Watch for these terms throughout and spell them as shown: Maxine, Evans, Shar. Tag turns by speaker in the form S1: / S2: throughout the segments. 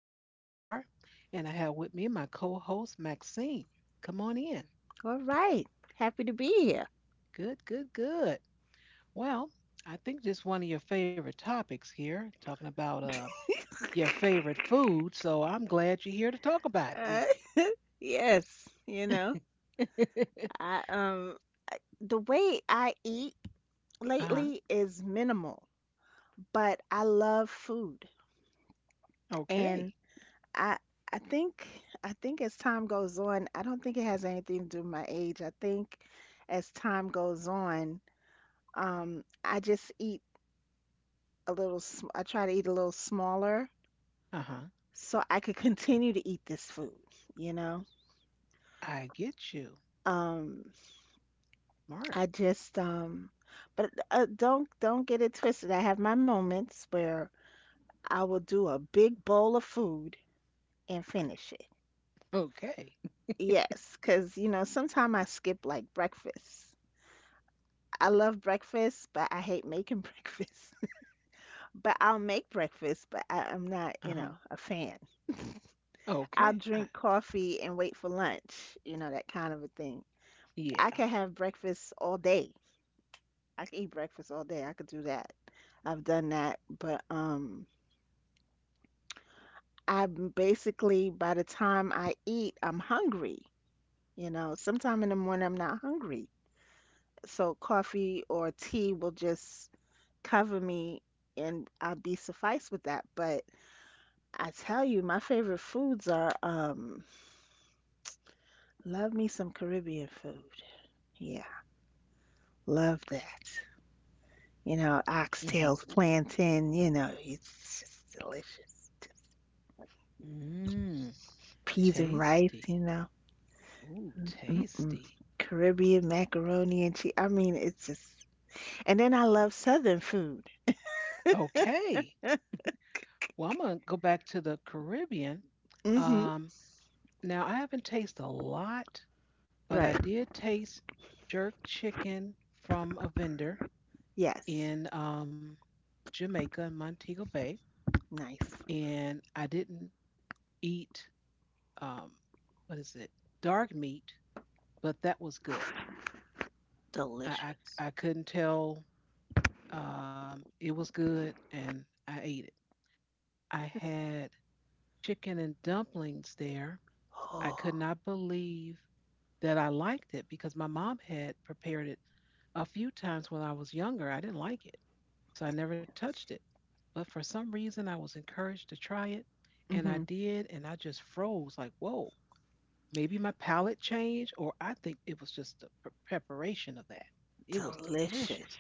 S1: host, Shar, and I have with me my co host, Maxine. Come on in.
S2: All right. Happy to be here.
S1: Good, good, good. Well, I think just one of your favorite topics here, talking about your favorite food. So I'm glad you're here to talk about it with
S2: Uh, yes, you know,
S1: me.
S2: I um the way I eat
S1: Uh huh.
S2: lately is minimal, but I love food.
S1: Okay.
S2: And I I think I think as time goes on, I don't think it has anything to do with my age. I think as time goes on, I just eat a little sm I try to eat a little smaller
S1: Uh huh.
S2: so I could continue to eat this food, you know.
S1: I get you.
S2: Um I
S1: Smart.
S2: just but don't get it twisted. I have my moments where I will do a big bowl of food and finish it.
S1: Okay.
S2: Yes, because you know sometimes I skip like breakfast. I love breakfast, but I hate making breakfast. But I'll make breakfast, but I'm not,
S1: Uh
S2: you
S1: huh.
S2: know, a fan.
S1: Okay.
S2: I'll drink coffee and wait for lunch, you know, that kind of a thing. I
S1: Yeah.
S2: could have breakfast all day. I could eat breakfast all day. I could do that. I've done that, but. I'm basically by the time I eat, I'm hungry. You know, sometime in the morning I'm not hungry. So coffee or tea will just cover me and I'll be sufficed with that. But I tell you, my favorite foods are love me some Caribbean food. Yeah, love that. You know,
S1: Mm-hmm.
S2: oxtails, plantain, you know, it's just delicious.
S1: Mm,
S2: Peas and rice,
S1: tasty.
S2: you know.
S1: Ooh,
S2: Mm-mm.
S1: tasty.
S2: Caribbean macaroni and cheese. I mean, it's just And then I love Southern food.
S1: Okay. Well, I'm gonna go back to the Caribbean.
S2: Hmm.
S1: Um, Now I haven't tasted a lot, but
S2: Right.
S1: I did taste jerk chicken from a vendor
S2: Yes.
S1: in Jamaica, in Montego Bay,
S2: Nice.
S1: and I didn't eat um, what is it, dark meat, but that was good. I
S2: Delicious.
S1: I, I couldn't tell, it was good, and I ate it. I had chicken and dumplings there. I could
S2: Oh,
S1: not believe that I liked it because my mom had prepared it a few times when I was younger. I didn't like it, so I never touched it. But for some reason, I was encouraged to try it, and I
S2: hmm,
S1: did, and I just froze like, whoa, maybe my palate changed, or I think it was just the preparation of that. It was
S2: delicious.
S1: delicious,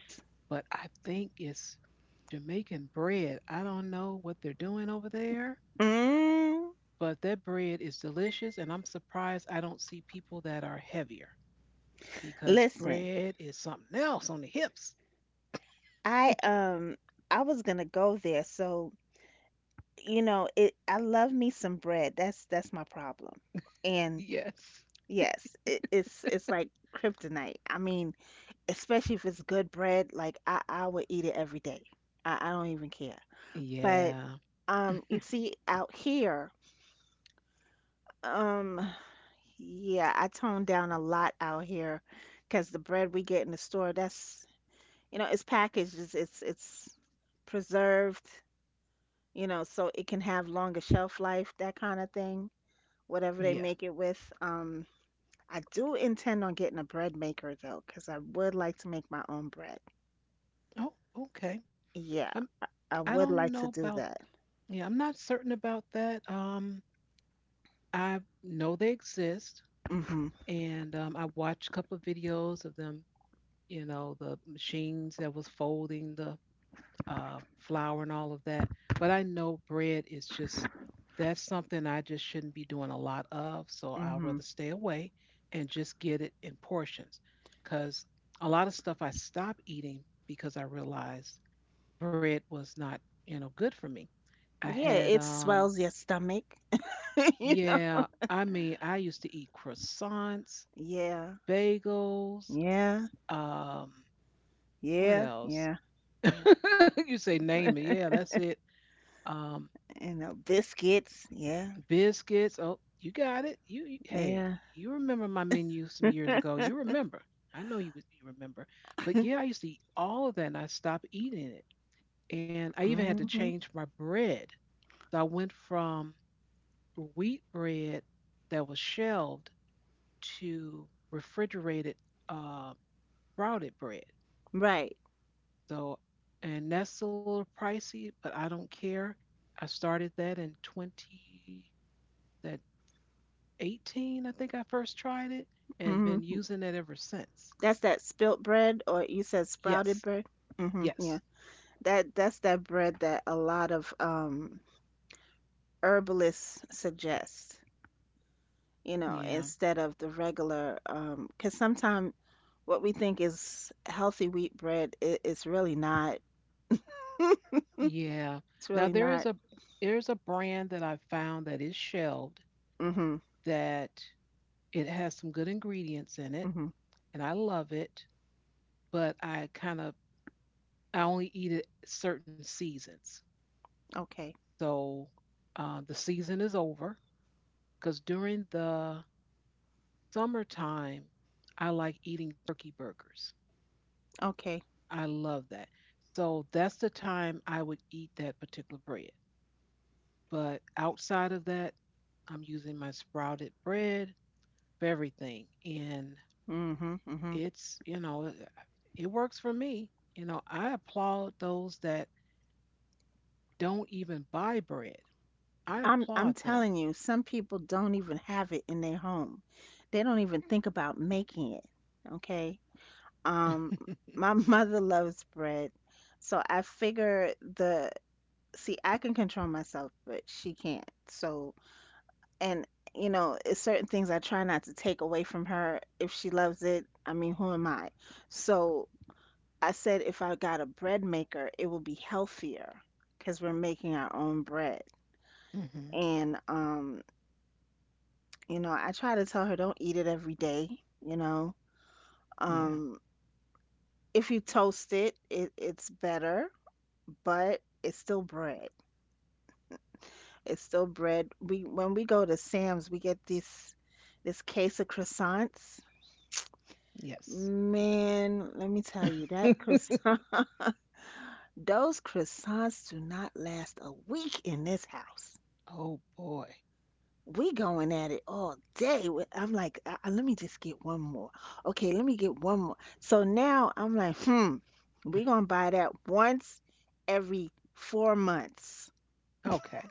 S1: but I think it's Jamaican bread. I don't know what they're doing over there,
S2: Mm.
S1: but that bread is delicious and I'm surprised I don't see people that are heavier because
S2: Listen,
S1: bread is something else on the hips.
S2: I um I was gonna go there, so you know, it I love me some bread. That's my problem. And
S1: Yes.
S2: yes, it's like kryptonite. I mean, especially if it's good bread, like I would eat it every day. I don't even care. But
S1: Yeah,
S2: you see out here. Um, yeah, I toned down a lot out here because the bread we get in the store, that's, you know, it's packaged, it's preserved, you know, so it can have longer shelf life, that kind of thing, whatever they
S1: yeah.
S2: make it with. I do intend on getting a bread maker though, because I would like to make my own bread.
S1: Oh, okay.
S2: Yeah,
S1: i'm
S2: I
S1: i
S2: would
S1: don't
S2: like
S1: know
S2: to do
S1: about,
S2: that.
S1: yeah, I'm not certain about that. I know they exist,
S2: Mm-hmm.
S1: and I watched a couple of videos of them, you know, the machines that was folding the flour and all of that. But I know bread is just that's something I just shouldn't be doing a lot of. So I'll
S2: Mm-hmm.
S1: rather stay away and just get it in portions. Because a lot of stuff I stopped eating because I realized bread was not good for me. I
S2: Yeah,
S1: had,
S2: it swells your stomach, you know.
S1: yeah, I mean, I used to eat croissants,
S2: Yeah.
S1: bagels,
S2: Yeah.
S1: um, what
S2: Yeah,
S1: else?
S2: yeah, yeah.
S1: You say name it. Yeah, that's it. Um,
S2: And the biscuits. Yeah,
S1: Biscuits. Oh, you got it. Hey,
S2: yeah.
S1: you remember my menu some years ago. You remember. I know you remember. But yeah, I used to eat all of that and I stopped eating it. And I even had to change
S2: Hmm.
S1: my bread. So I went from wheat bread that was shelved to refrigerated uh sprouted bread.
S2: Right.
S1: So and that's a little pricey, but I don't care. I started that in 20 that 18, I think I first tried it and
S2: Hmm.
S1: been using it ever since.
S2: That's that spilt bread, or you said sprouted
S1: Yes.
S2: bread. Hmm. Yeah.
S1: Yes.
S2: That that's that bread that a lot of herbalists suggest. You know,
S1: Yeah.
S2: instead of the regular, because sometimes what we think is healthy wheat bread, it's really not.
S1: Yeah.
S2: It's
S1: Now
S2: really not.
S1: there's a brand that I found that is shelved
S2: Hmm.
S1: that it has some good ingredients in it
S2: Hmm.
S1: and I love it, but I kind of I only eat it certain seasons.
S2: Okay.
S1: So the season is over because during the summertime I like eating turkey burgers.
S2: Okay.
S1: I love that. So that's the time I would eat that particular bread. But outside of that, I'm using my sprouted bread for everything. And
S2: Hmm. Hmm.
S1: it's, it works for me. You know, I applaud those that don't even buy bread. I
S2: I'm
S1: applaud them.
S2: telling you, some people don't even have it in their home. They don't even think about making it. Okay. Um, my mother loves bread, so I figure the see I can control myself, but she can't. So and you know, it's certain things I try not to take away from her. If she loves it, I mean, who am I? So I said if I got a bread maker, it will be healthier because we're making our own bread
S1: Hmm.
S2: and you know, I try to tell her don't eat it every day, you know.
S1: Yeah.
S2: Um, if you toast it, it's better, but it's still bread. It's still bread. We when we go to Sam's, we get this case of croissants.
S1: Yes.
S2: Man, let me tell you, that croissant, those croissants do not last a week in this house.
S1: Oh boy.
S2: We going at it all day. With- I'm like, let me just get one more. Okay, let me get one more." So now I'm like, hmm, we gonna buy that once every four months.
S1: Okay.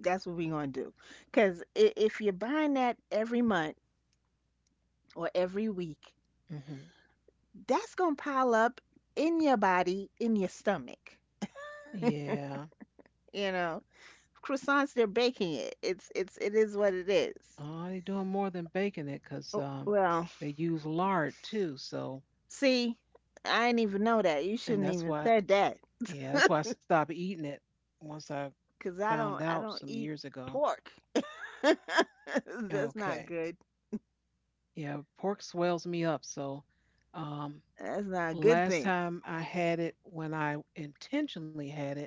S2: That's what we gonna do. Cause if you're buying that every month or every week,
S1: Hmm.
S2: that's gonna pile up in your body, in your stomach.
S1: Yeah.
S2: You know, croissants, they're baking it. It's it is what it is.
S1: They are doing more than baking it because
S2: Oh, well,
S1: they use lard too. So,
S2: see, I didn't even know that. You
S1: and
S2: shouldn't
S1: that's
S2: even
S1: why,
S2: said that.
S1: yeah, that's why I stopped eating it once I
S2: 'Cause
S1: found
S2: I
S1: out
S2: don't
S1: some
S2: eat
S1: years ago.
S2: pork. That's not
S1: Okay.
S2: good.
S1: Yeah, pork swells me up. So, um,
S2: That's not a good
S1: last
S2: thing.
S1: time I had it when I intentionally had it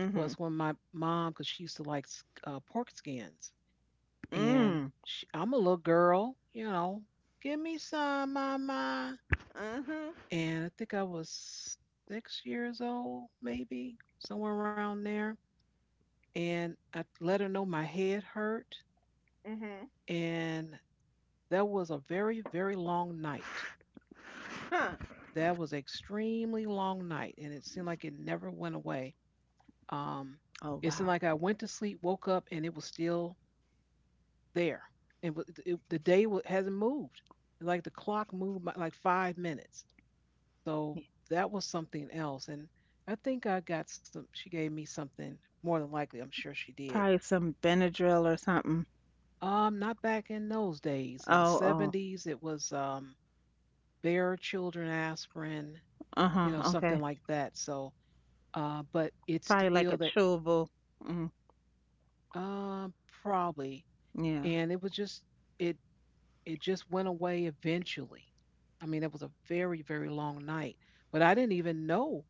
S1: was when my mom, because she used to like pork skins. And
S2: Mm.
S1: she, I'm a little girl, you know, give me some, mama.
S2: Mhm.
S1: And I think I was 6 years old, maybe somewhere around there. And I let her know my head hurt,
S2: Mhm.
S1: and that was a very, very long night.
S2: Huh.
S1: That was an extremely long night, and it seemed like it never went away. Um, it
S2: Oh
S1: seemed like I
S2: wow.
S1: went to sleep, woke up, and it was still there. And it, the day hasn't moved. Like the clock moved by like 5 minutes. So
S2: Yeah.
S1: that was something else. And I think I got some, she gave me something more than likely, I'm sure she did.
S2: Probably some Benadryl or something.
S1: Not back in those days. In the
S2: Oh oh.
S1: 70s, it was Bear Children Aspirin,
S2: Uh
S1: you
S2: huh.
S1: know, something
S2: Okay.
S1: like that. So, but it's
S2: Probably
S1: still
S2: like a
S1: that,
S2: chewable. Mm.
S1: um, probably.
S2: Yeah.
S1: And it was just, it, it just went away eventually. I mean, it was a very, very long night, but I didn't even know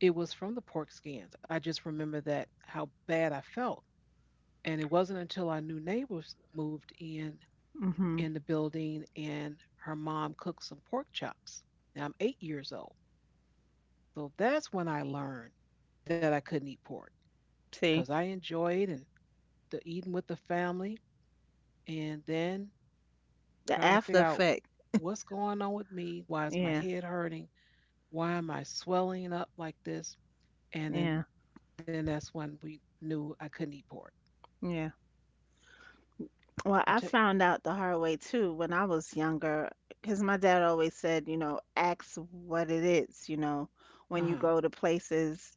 S1: it was from the pork skins. I just remember that how bad I felt. And it wasn't until our new neighbors moved
S2: Mhm.
S1: in the building and her mom cooked some pork chops. Now I'm 8 years old. So that's when I learned that I couldn't eat pork because
S2: See,
S1: I enjoyed and the eating with the family and then
S2: the
S1: trying to
S2: after
S1: figure out
S2: effect.
S1: what's going on with me. Why is my
S2: Yeah.
S1: head hurting? Why am I swelling up like this? And then
S2: Yeah.
S1: then that's when we knew I couldn't eat pork.
S2: Yeah. Well,
S1: It
S2: I
S1: took.
S2: found out the hard way too when I was younger, because my dad always said, you know, ask what it is, you know,
S1: Uh
S2: when you
S1: huh.
S2: go to places,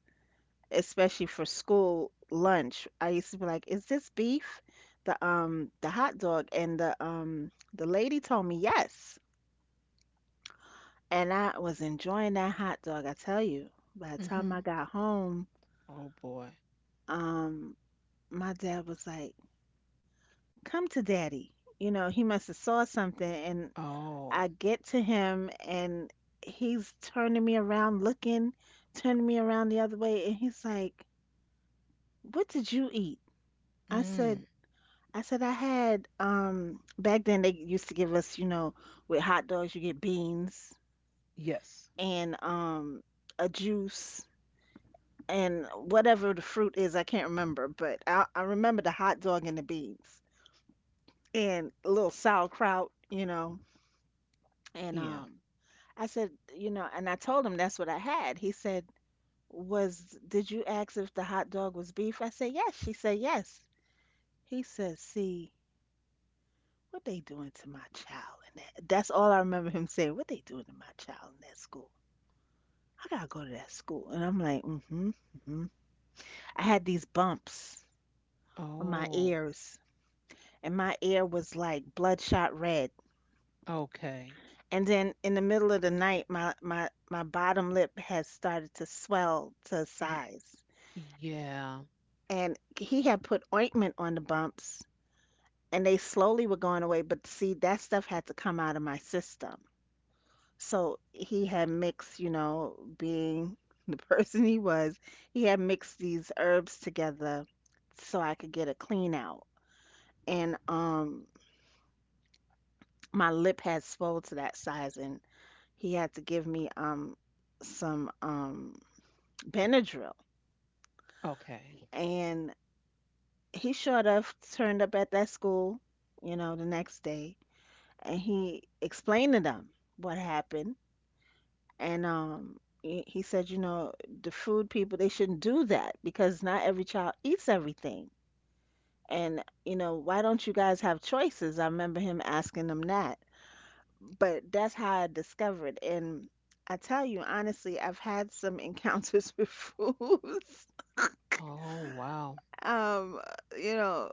S2: especially for school lunch. I used to be like, is this beef? The hot dog and the lady told me yes. And I was enjoying that hot dog, I tell you. By the time
S1: Mm-hmm.
S2: I got home,
S1: Oh boy.
S2: um my dad was like, "Come to daddy." You know, he must have saw something and
S1: Oh.
S2: I get to him and he's turning me around, looking, turning me around the other way, and he's like, "What did you eat?" I
S1: Mm.
S2: said, "I said I had back then they used to give us, you know, with hot dogs you get beans
S1: Yes.
S2: and a juice and whatever the fruit is, I can't remember, but I remember the hot dog and the beans and a little sauerkraut, you know, and
S1: Yeah.
S2: um." I said, you know, and I told him that's what I had. He said, was did you ask if the hot dog was beef? I said yes. She said yes. He said, see, what they doing to my child in that that's all I remember him saying, what they doing to my child in that school. I gotta go to that school. And I'm like, mm-hmm, mm-hmm. I had these bumps on my
S1: Oh,
S2: ears and my ear was like bloodshot red.
S1: okay.
S2: And then in the middle of the night my bottom lip had started to swell to
S1: Y-
S2: size.
S1: yeah.
S2: And he had put ointment on the bumps and they slowly were going away. But see, that stuff had to come out of my system. So he had mixed, you know, being the person he was, he had mixed these herbs together so I could get a clean out. And my lip had swelled to that size, and he had to give me some Benadryl.
S1: Okay.
S2: And he showed up, turned up at that school, you know, the next day, and he explained to them what happened and he said you know the food people they shouldn't do that because not every child eats everything and you know why don't you guys have choices I remember him asking them that, but that's how I discovered and I tell you honestly I've had some encounters with foods.
S1: Oh, wow.
S2: um you know,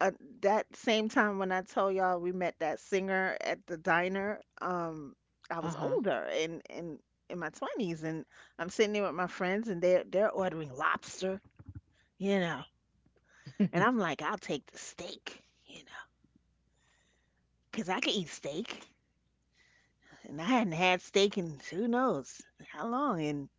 S2: uh, that same time when I told y'all we met that singer at the diner, I was
S1: Uh-huh.
S2: older and in my twenties, and I'm sitting there with my friends, and they're ordering lobster, you know, and I'm like, I'll take the steak, you know, 'cause I can eat steak, and I hadn't had steak in who knows how long, and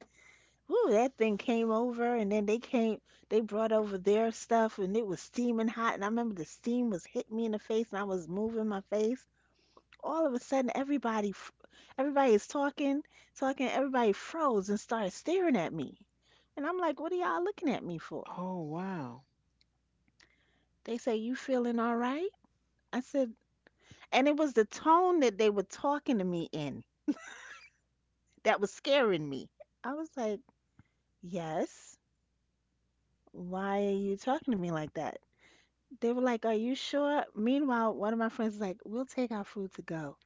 S2: whoo, that thing came over, and then they came, they brought over their stuff, and it was steaming hot, and I remember the steam was hitting me in the face, and I was moving my face all of a sudden everybody is talking, everybody froze and started staring at me, and I'm like, what are y'all looking at me for?
S1: Oh, wow.
S2: They say, you feeling all right? I said, and it was the tone that they were talking to me in that was scaring me. I was like, yes, why are you talking to me like that? They were like, are you sure? Meanwhile one of my friends is like, we'll take our food to go.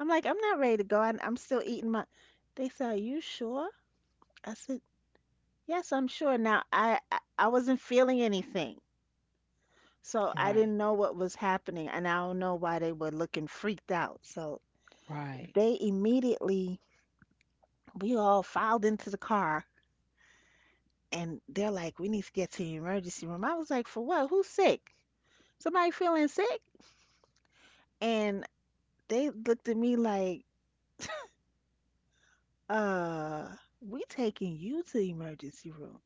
S2: I'm like, I'm not ready to go. I'm still eating my. They said, are you sure? I said, yes, I'm sure. Now, I wasn't feeling anything, so I
S1: Right.
S2: didn't know what was happening, and I don't know why they were looking freaked out. So
S1: Right.
S2: they immediately, we all filed into the car, and they're like, "We need to get to the emergency room." I was like, "For what? Who's sick? Somebody feeling sick?" And they looked at me like, "Uh, we taking you to the emergency room."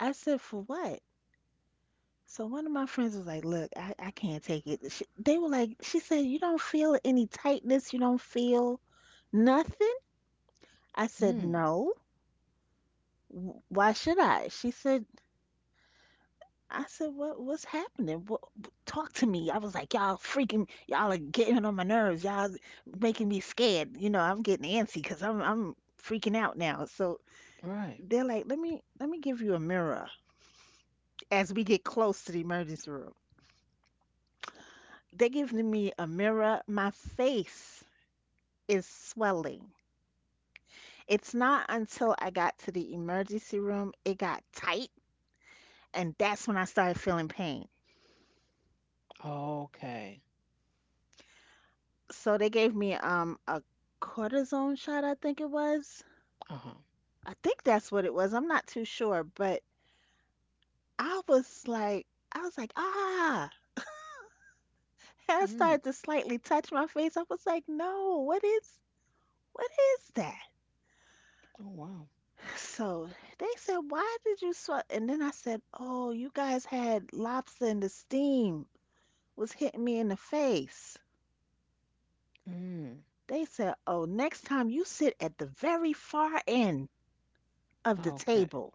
S2: I said, "For what?" So one of my friends was like, "Look, I can't take it." She, they were like, "She said you don't feel any tightness, you don't feel nothing." I said,
S1: Mm,
S2: "No, W- why should I?" She said, "I said what what's happening? What, talk to me." I was like, "Y'all freaking, y'all are getting on my nerves. Y'all making me scared. I'm getting antsy because I'm freaking out now." So
S1: right.
S2: they're like, "Let me give you a mirror." As we get close to the emergency room, they're giving me a mirror, my face is swelling. It's not until I got to the emergency room it got tight, and that's when I started feeling pain.
S1: Okay.
S2: So they gave me a cortisone shot, I think it was.
S1: Uh-huh.
S2: I think that's what it was. I'm not too sure, but I was like, I was like, ah, and I
S1: Mm.
S2: started to slightly touch my face. I was like, no, what is that?
S1: Oh, wow.
S2: So they said, why did you sweat? And then I said, oh, you guys had lobster in the steam was hitting me in the face.
S1: Mm.
S2: They said, oh, next time you sit at the very far end of the
S1: Okay.
S2: table.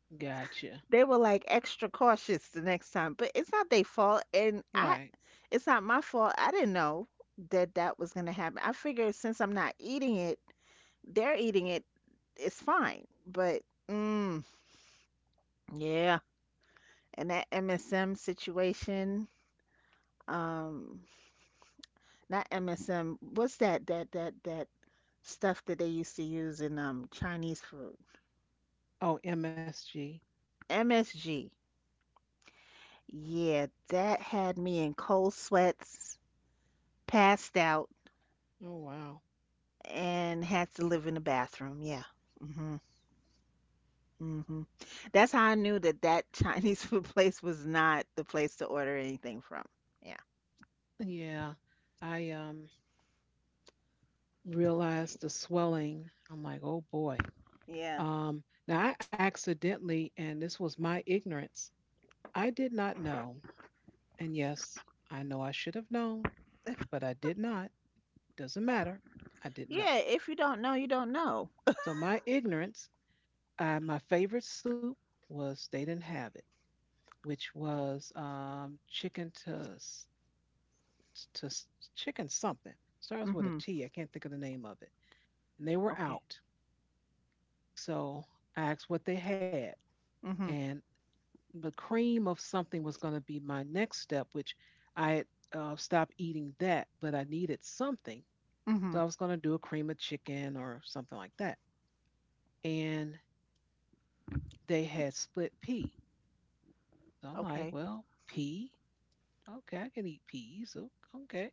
S1: Gotcha.
S2: They were like extra cautious the next time, but it's not their fault. And
S1: Right.
S2: it's not my fault. I didn't know that that was going to happen. I figured since I'm not eating it, they're eating it, it's fine. But, mm, yeah. And that MSM situation, um, not MSM, what's that stuff that they used to use in Chinese food?
S1: Oh, MSG.
S2: MSG. Yeah, that had me in cold sweats, passed out,
S1: Oh, wow.
S2: and had to live in the bathroom. Yeah. hmm hmm That's how I knew that that Chinese food place was not the place to order anything from. Yeah.
S1: Yeah. I realized the swelling. I'm like, "Oh boy."
S2: Yeah.
S1: Now, I accidentally, and this was my ignorance, I did not know. And yes, I know I should have known, but I did not. Doesn't matter. I didn't know.
S2: Yeah. If you don't know, you don't know.
S1: So, my ignorance, my favorite soup was they didn't have it, which was chicken to s- chicken something. Starts with a
S2: Hmm.
S1: T. I can't think of the name of it. And they were
S2: Okay.
S1: out. So, I asked what they had.
S2: Hmm.
S1: And the cream of something was going to be my next step, which I had stopped eating that, but I needed something.
S2: Hmm.
S1: So I was going to do a cream of chicken or something like that. And they had split pea. So I'm like,
S2: Okay.
S1: well, pea? Okay, I can eat peas. Okay.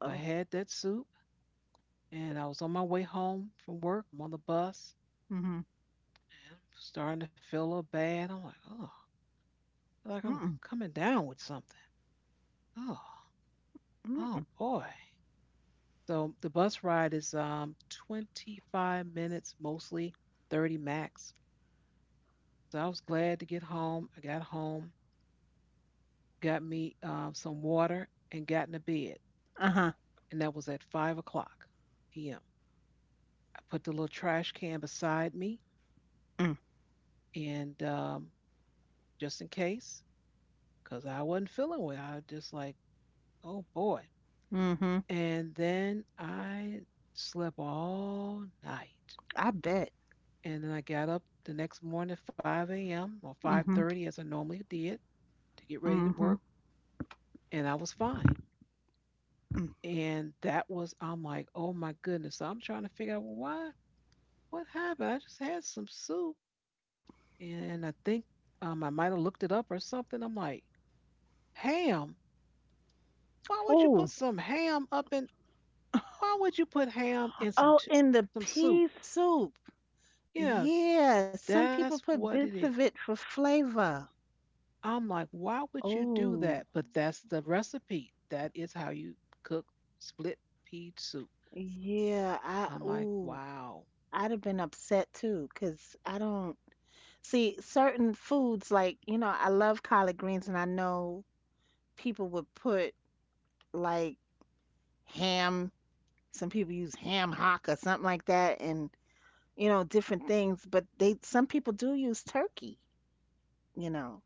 S1: So I had that soup and I was on my way home from work. I'm on the bus
S2: Hmm.
S1: and I'm starting to feel a little bad. I'm like, oh, like I'm
S2: Mm-mm.
S1: coming down with something. Oh, oh
S2: Mm-mm.
S1: boy. So the bus ride is 25 minutes mostly, 30 max. So I was glad to get home. I got home, got me some water, and got into bed.
S2: Uh-huh.
S1: And that was at 5 o'clock p.m. I put the little trash can beside me,
S2: Mm.
S1: and just in case, because I wasn't feeling well, I was just like, oh boy.
S2: Hmm.
S1: And then I slept all night.
S2: I bet.
S1: And then I got up the next morning at 5 a.m. or
S2: Hmm.
S1: 5:30 as I normally did to get ready to
S2: Hmm.
S1: work, and I was fine.
S2: Mm.
S1: And that was I'm like, oh my goodness. So I'm trying to figure out well, why, what happened? I just had some soup, and I think I might have looked it up or something. I'm like, ham. Why would you put
S2: Ooh.
S1: some ham up in? Why would you put ham in
S2: Oh, in the
S1: some soup?
S2: pea soup.
S1: Yeah,
S2: Yeah, some people
S1: that's
S2: put
S1: what
S2: bits
S1: it
S2: of
S1: is.
S2: it for flavor.
S1: I'm like, why would you do
S2: Oh,
S1: that? But that's the recipe. That is how you cook split pea soup.
S2: yeah. I
S1: I'm like,
S2: ooh,
S1: wow,
S2: I'd have been upset too, 'cause I don't see certain foods like, you know, I love collard greens and I know people would put like ham, some people use ham hock or something like that and, you know, different things, but they some people do use turkey, you know.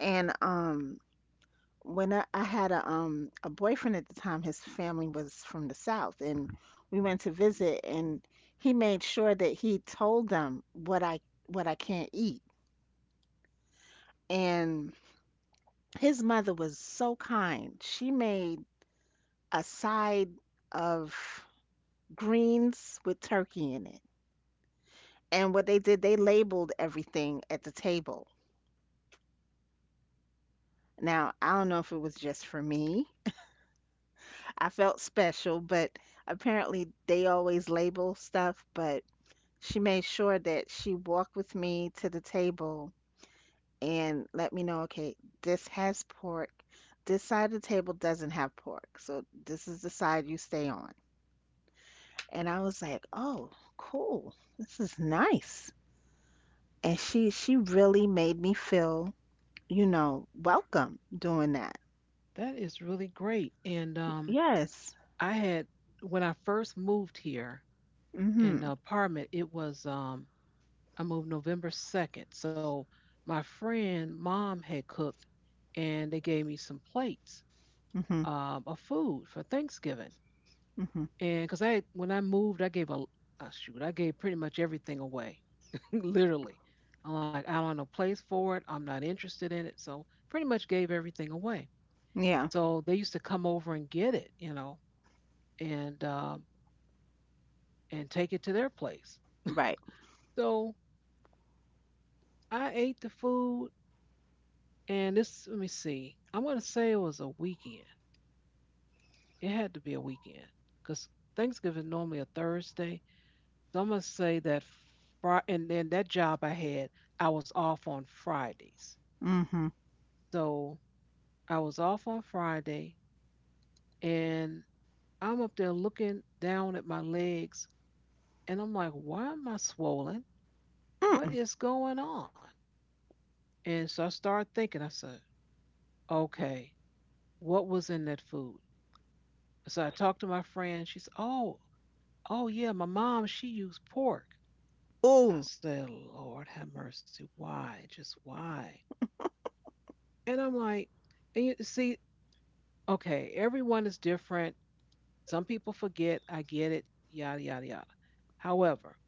S2: And um when I had a boyfriend at the time, his family was from the South, and we went to visit, and he made sure that he told them what I can't eat. And his mother was so kind. She made a side of greens with turkey in it. And what they did, they labeled everything at the table. Now, I don't know if it was just for me. I felt special, but apparently they always label stuff, but she made sure that she walked with me to the table and let me know, okay, this has pork. This side of the table doesn't have pork. So this is the side you stay on. And I was like, "Oh, cool. This is nice." And she really made me feel, you know, welcome doing that.
S1: that is really great. And
S2: Yes.
S1: I had when I first moved here in
S2: Mhm.
S1: the apartment, it was I moved November second. So my friend mom had cooked, and they gave me some plates
S2: Mhm.
S1: of food for Thanksgiving.
S2: Mhm.
S1: And because I, when I moved, I gave pretty much everything away, literally. I'm like, I don't have no place for it. I'm not interested in it. So pretty much gave everything away.
S2: Yeah,
S1: So they used to come over and get it, you know, and um, and take it to their place.
S2: right.
S1: So I ate the food, and this, let me see, I'm gonna say it was a weekend. It had to be a weekend because Thanksgiving normally a Thursday. So I'm gonna say that Fri and then that job I had, I was off on Fridays.
S2: Mhm.
S1: So I was off on Friday and I'm up there looking down at my legs and I'm like, why am I swollen? What
S2: Mm.
S1: is going on? And so I started thinking, I said, okay, what was in that food? So I talked to my friend. She said, oh yeah, my mom, she used pork. I
S2: Oh.
S1: said, Lord have mercy. Why? Just why? And I'm like, and you see, okay, everyone is different. Some people forget. I get it. Yada, yada, yada. However,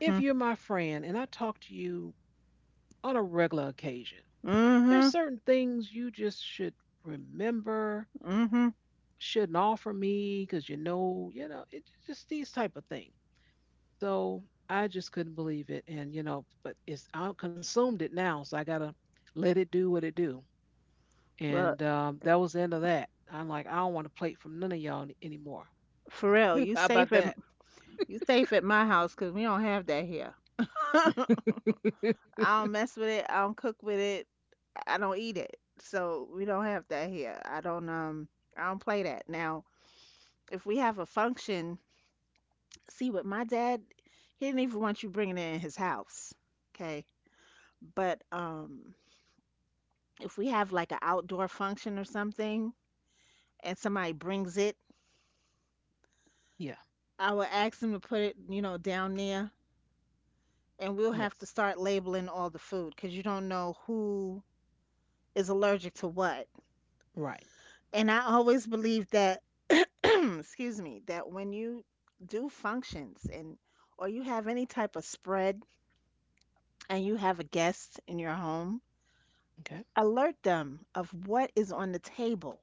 S1: if you're my friend and I talk to you on a regular occasion, there's
S2: Mhm.
S1: certain things you just should remember,
S2: Mhm.
S1: shouldn't offer me because it's just these type of things. So I just couldn't believe it. But it's, I consumed it now. So I got to let it do what it do.
S2: Well,
S1: And that was the end of that. I'm like, I don't want to plate from none of y'all anymore.
S2: for real, you
S1: How about
S2: saving.
S1: that?
S2: You safe at my house, cause we don't have that here. I don't mess with it. I don't cook with it. I don't eat it. So we don't have that here. I don't play that. Now, if we have a function, see what my dad he didn't even want you bringing it in his house. Okay? But if we have like an outdoor function or something and somebody brings it,
S1: Yeah.
S2: I will ask them to put it, you know, down there and we'll have to
S1: Yes.
S2: start labeling all the food, cause you don't know who is allergic to what.
S1: Right.
S2: And I always believe that, excuse me, that when you do functions and or you have any type of spread and you have a guest in your home,
S1: Okay.
S2: alert them of what is on the table,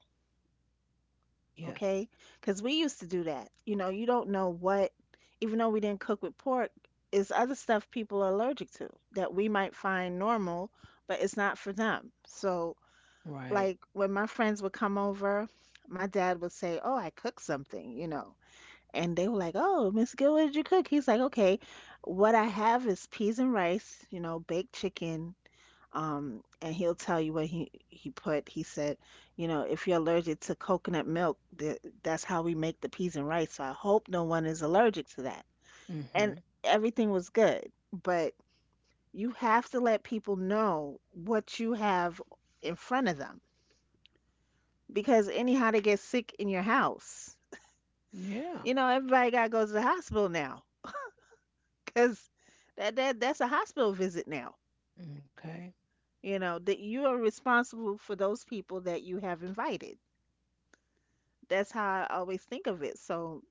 S1: Yes.
S2: okay? Because we used to do that. You know, you don't know what, even though we didn't cook with pork, is other stuff people are allergic to that we might find normal, but it's not for them. So
S1: Right.
S2: like when my friends would come over, my dad would say, "Oh, I cooked something," you know. And they were like, "Oh, Miss Gill, what did you cook?" He's like, "Okay, what I have is peas and rice, you know, baked chicken." And he'll tell you what he put. He said, "You know, if you're allergic to coconut milk, th that's how we make the peas and rice. So I hope no one is allergic to that." And
S1: Mm-hmm.
S2: everything was good, but you have to let people know what you have in front of them because anyhow they get sick in your house.
S1: Yeah.
S2: You know, everybody got to go to the hospital now because that's a hospital visit now.
S1: Okay.
S2: You know, that you are responsible for those people that you have invited. That's how I always think of it. So,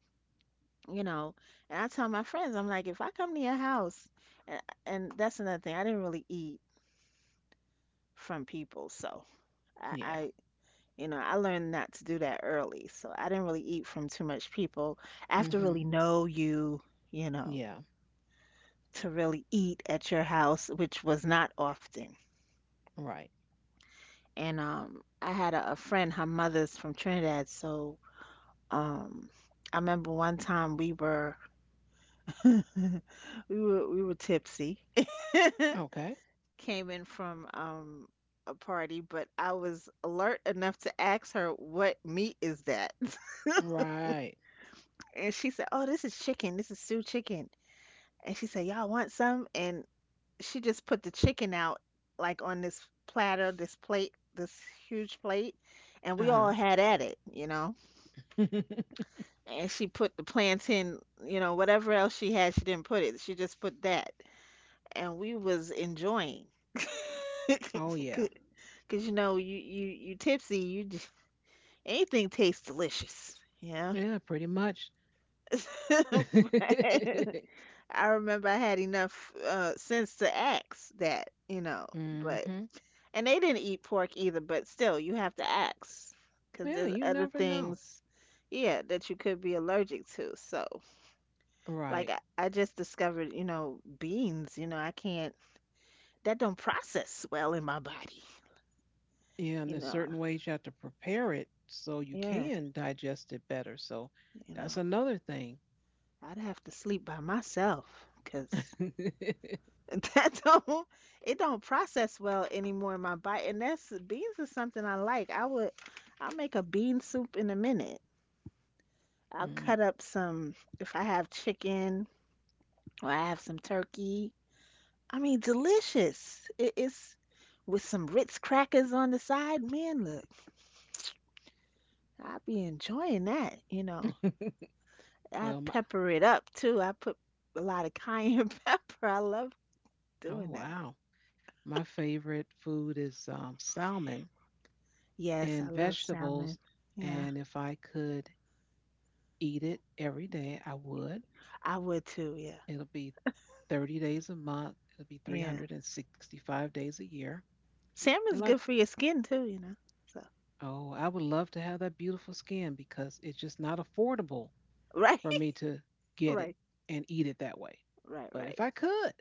S2: you know, and I tell my friends, I'm like, if I come to your house, and, and that's another thing, I didn't really eat from people. So I,
S1: Yeah.
S2: I, you know, I learned not to do that early. So I didn't really eat from too much people. I have to
S1: Mm-hmm.
S2: really know you, you know,
S1: Yeah.
S2: to really eat at your house, which was not often.
S1: Right.
S2: And I had a friend, her mother's from Trinidad, so um, I remember one time we were tipsy.
S1: Okay.
S2: Came in from a party, but I was alert enough to ask her what meat is that,
S1: Right.
S2: and she said, "Oh, this is chicken. This is stew chicken." And she said, "Y'all want some?" And she just put the chicken out like on this platter, this plate, this huge plate, and we
S1: Uh-huh.
S2: all had at it, you know. And she put the plantain, you know, whatever else she had, she didn't put it. She just put that, and we was enjoying.
S1: Oh yeah.
S2: Cause you know, you tipsy, you just, anything tastes delicious, yeah.
S1: Yeah, pretty much.
S2: But
S1: Mm-hmm.
S2: I remember I had enough sense to ask that, you know, but. And they didn't eat pork either, but still, you have to ask because
S1: Yeah,
S2: there's
S1: you
S2: other
S1: never know.
S2: things, yeah, that you could be allergic to. So, like,
S1: Right.
S2: I just discovered, you know, beans, you know, I can't, that don't process well in my body,
S1: Yeah, and
S2: you
S1: there's
S2: know.
S1: certain ways you have to prepare it so you
S2: Yeah,
S1: can digest it better. So
S2: you know,
S1: that's another thing.
S2: I'd have to sleep by myself because that don't, it don't process well anymore in my body. And that's, beans is something I like. I would, I'll make a bean soup in a minute. I'll
S1: Mm.
S2: cut up some, if I have chicken or I have some turkey. I mean, delicious. It's with some Ritz crackers on the side. Man, look, I'd be enjoying that, you know. I
S1: well, my,
S2: pepper it up too. I put a lot of cayenne pepper. I love doing
S1: oh
S2: that.
S1: wow. My favorite food is salmon
S2: Yes, I
S1: and
S2: love salmon.
S1: vegetables.
S2: Yeah,
S1: And if I could eat it every day, I would.
S2: I would too. Yeah,
S1: It'll be 30 days a month, it'll be
S2: yeah.
S1: 365 days a year. And
S2: Salmon's
S1: like,
S2: good for your skin too, you know. So,
S1: oh, I would love to have that beautiful skin because it's just not affordable
S2: right,
S1: for me to get it
S2: right,
S1: and eat it that way.
S2: right,
S1: But
S2: right.
S1: if I could,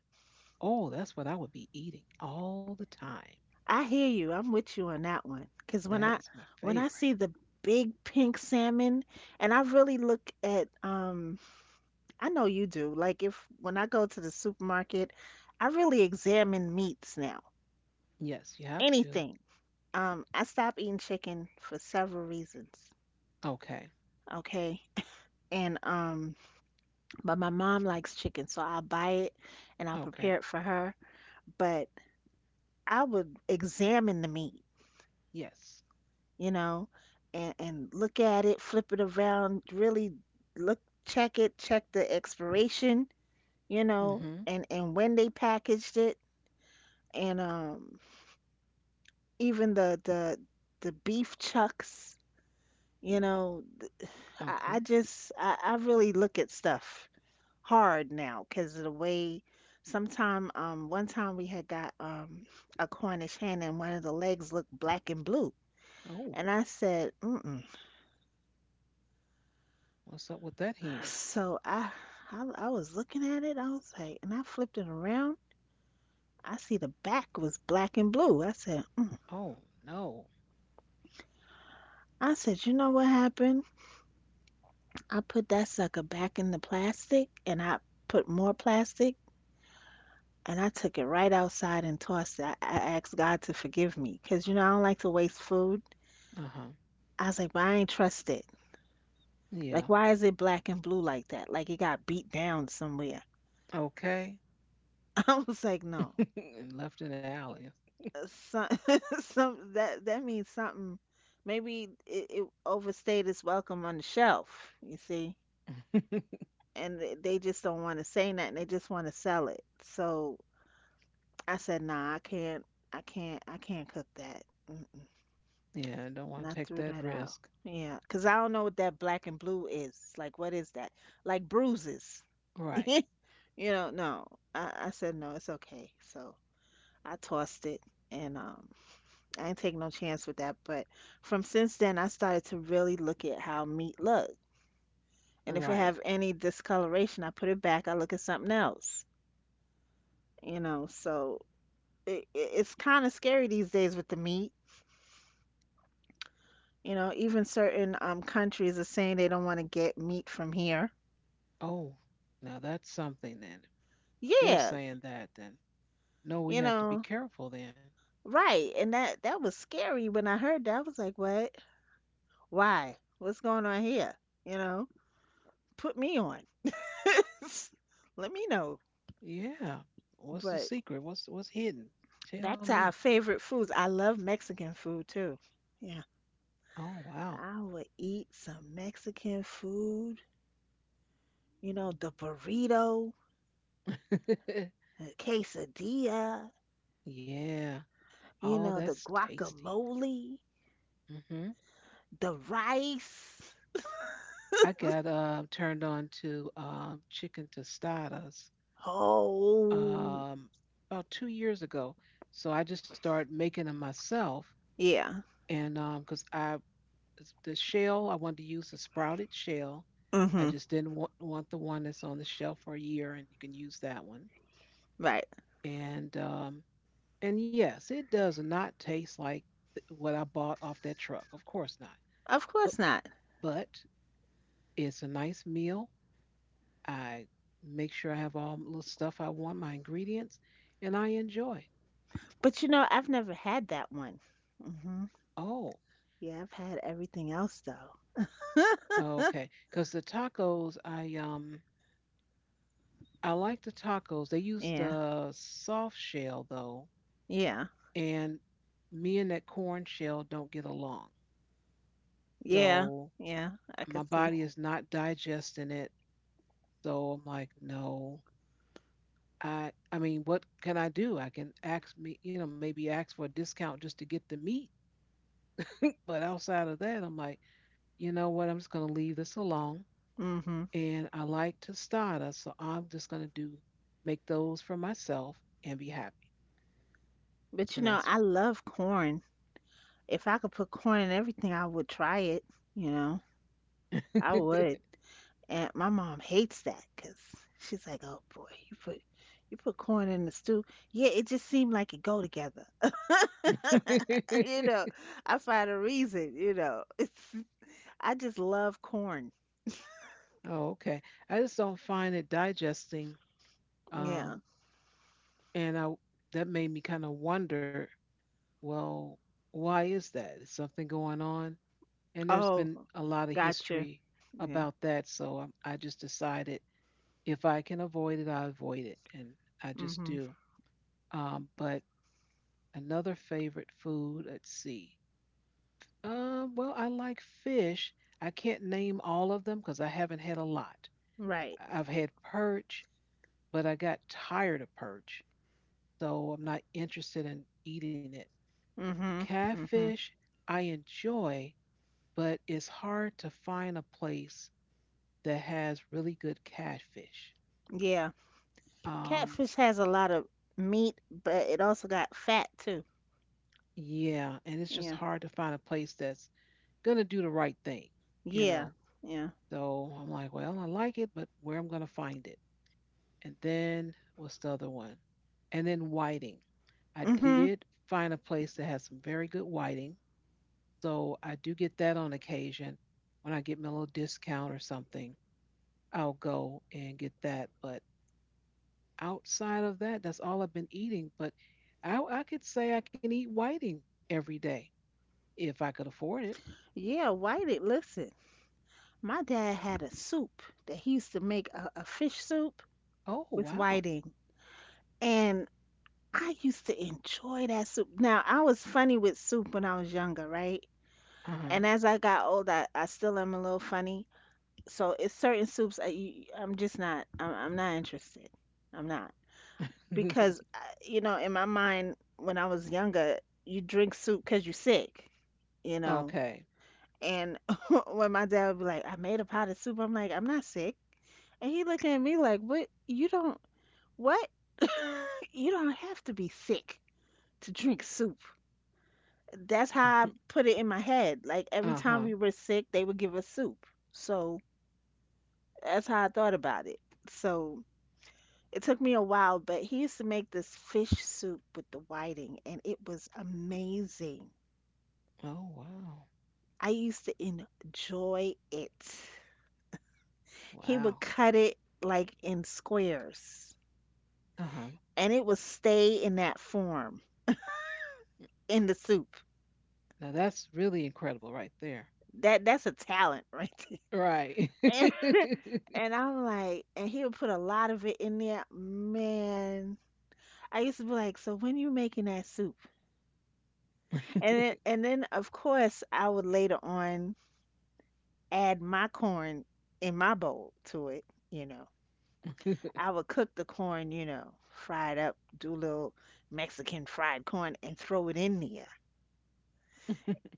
S1: oh, that's what I would be eating all the time.
S2: I hear you. I'm with you on that one. Cause when
S1: That
S2: I
S1: is my favorite.
S2: see the big pink salmon and I really look at I know you do. Like if when I go to the supermarket, I really examine meats now.
S1: Yes, you have to.
S2: Anything. I stopped eating chicken for several reasons.
S1: Okay.
S2: Okay. And but my mom likes chicken, so I'll buy it and I'll
S1: Okay.
S2: prepare it for her. But I would examine the meat,
S1: Yes.
S2: you know, and look at it, flip it around, really look, check it, check the expiration, you know,
S1: Mm-hmm.
S2: and when they packaged it, and even the beef chucks, you know, I, I
S1: Okay.
S2: just I, I really look at stuff hard now because of the way. Sometime, one time we had got a Cornish hen and one of the legs looked black and blue,
S1: Oh,
S2: and I said, mm.
S1: what's up with that hand?
S2: So I was looking at it. I was like, and I flipped it around. I see the back was black and blue.
S1: Oh no.
S2: I said, you know what happened? I put that sucker back in the plastic, and I put more plastic, and I took it right outside and tossed it. I asked God to forgive me, cause you know I don't like to waste food.
S1: Uh-huh.
S2: I was like, but I ain't trust it.
S1: Yeah.
S2: Like, why is it black and blue like that? Like it got beat down somewhere.
S1: Okay.
S2: I was like, no.
S1: And left an alley.
S2: Some, some that that means something. Maybe it overstayed its welcome on the shelf, you see, and they just don't want to say nothing. They just want to sell it. So I said, "Nah, I can't cook that." Mm-mm.
S1: Yeah, I don't
S2: And
S1: want to
S2: I
S1: take
S2: threw
S1: that
S2: that out.
S1: risk.
S2: Yeah, 'cause I don't know what that black and blue is. Like, what is that? Like bruises,
S1: Right.
S2: you know? No, I said no, it's okay. So I tossed it, and I ain't take no chance with that. But from since then, I started to really look at how meat look, and if it
S1: Right.
S2: have any discoloration, I put it back. I look at something else. So it's kind of scary these days with the meat. You know, even certain countries are saying they don't want to get meat from here.
S1: Oh, now that's something then. If they're
S2: Yeah,
S1: saying that then. No, we
S2: you
S1: have to be
S2: know,
S1: careful then.
S2: right. And that was scary when I heard that. I was like, what? Why? What's going on here? You know, put me on. Let me know.
S1: Yeah. What's the
S2: But
S1: secret? What's hidden? Tell
S2: back to
S1: me.
S2: our favorite foods. I love Mexican food too. Yeah,
S1: Oh wow.
S2: I would eat some Mexican food. You know, the burrito, the quesadilla,
S1: Yeah.
S2: you
S1: Oh,
S2: know, the
S1: that's tasty.
S2: guacamole,
S1: Mm-hmm.
S2: the rice.
S1: I got turned on to chicken tostadas
S2: Oh,
S1: um, about 2 years ago. So I just started making them myself,
S2: yeah.
S1: and because I the shell I wanted to use a sprouted shell, I
S2: Mm-hmm.
S1: just didn't want, the one that's on the shelf for a year, and you can use that one.
S2: Right.
S1: And um, and yes, it does not taste like what I bought off that truck. Of course not.
S2: Of
S1: But
S2: course not.
S1: but it's a nice meal. I make sure I have all the stuff I want, my ingredients, and I enjoy.
S2: But you know, I've never had that one. Mm-hmm.
S1: Oh,
S2: Yeah, I've had everything else though.
S1: okay. Because the tacos, I like the tacos. They use
S2: Yeah.
S1: the soft shell though,
S2: Yeah.
S1: and me and that corn shell don't get along.
S2: Yeah.
S1: So
S2: Yeah. I
S1: my
S2: could see.
S1: body is not digesting it. So I'm like, no. I mean, what can I do? I can ask me, you know, maybe ask for a discount just to get the meat. But outside of that, I'm like, you know what, I'm just going to leave this alone.
S2: Mm-hmm.
S1: And I like to start so I'm just going to do make those for myself and be happy. And
S2: But
S1: I,
S2: you
S1: s-
S2: know, I love corn. If I could put corn in everything, I would try it. You know, I would. And my mom hates that because she's like, "Oh boy, you put corn in the stew." Yeah, it just seemed like it go together. You know, I find a reason. You know, it's I just love corn.
S1: oh, okay. I just don't find it digesting.
S2: Yeah.
S1: Um, and I That made me kind of wonder, well, why is that? Is something going on? And there's
S2: Oh,
S1: been a lot of
S2: gotcha.
S1: history
S2: Yeah.
S1: about that, so I just decided if I can avoid it, I avoid it, and I just
S2: Mhm.
S1: do. But Another favorite food, let's see. Well, I like fish. I can't name all of them because I haven't had a lot.
S2: Right.
S1: I've had perch, but I got tired of perch, so I'm not interested in eating it.
S2: Mhm. Mhm.
S1: Catfish, I enjoy, but it's hard to find a place that has really good catfish.
S2: Yeah.
S1: Um,
S2: Catfish has a lot of meat, but it also got fat too.
S1: yeah, and it's just
S2: Yeah.
S1: hard to find a place that's gonna do the right thing, you
S2: Yeah.
S1: know.
S2: Yeah.
S1: So I'm like, well, I like it, but where I'm going to find it? And then what's the other one? And then whiting. I
S2: Mm-hmm.
S1: did find a place that has some very good whiting. So I do get that on occasion. When I get me a little discount or something, I'll go and get that. But outside of that, that's all I've been eating. But I could say I can eat whiting every day if I could afford it.
S2: Yeah, whitey, listen. My dad had a soup that he used to make a fish soup
S1: Oh,
S2: with
S1: wow.
S2: whiting. And I used to enjoy that soup. Now, I was funny with soup when I was younger, right?
S1: Uh
S2: And as I got older, I still am a little funny. So it's certain soups I'm just not, I'm not interested. I'm not.
S1: huh.
S2: Because you know, in my mind, when I was younger, you drink soup because you're sick, you know
S1: Okay.
S2: and when my dad would be like, I made a pot of soup, I'm like, I'm not sick, and he looking at me like, what? You don't, what? You don't have to be sick to drink soup. That's how I put it in my head. Like, every
S1: Uh
S2: time
S1: huh.
S2: we were sick they would give us soup. So that's how I thought about it. So it took me a while, but he used to make this fish soup with the whiting, and it was amazing.
S1: Oh, wow.
S2: I used to enjoy it. He would
S1: Wow.
S2: cut it like in squares,
S1: Uh huh.
S2: and it would stay in that form in the soup.
S1: Now that's really incredible right there.
S2: That's a talent right there.
S1: Right.
S2: And, and I'm like, and he would put a lot of it in there. Man, I used to be like, so when you making that soup? And then of course I would later on add my corn in my bowl to it, you know. I would cook the corn, you know, fry it up, do a little Mexican fried corn and throw it in there.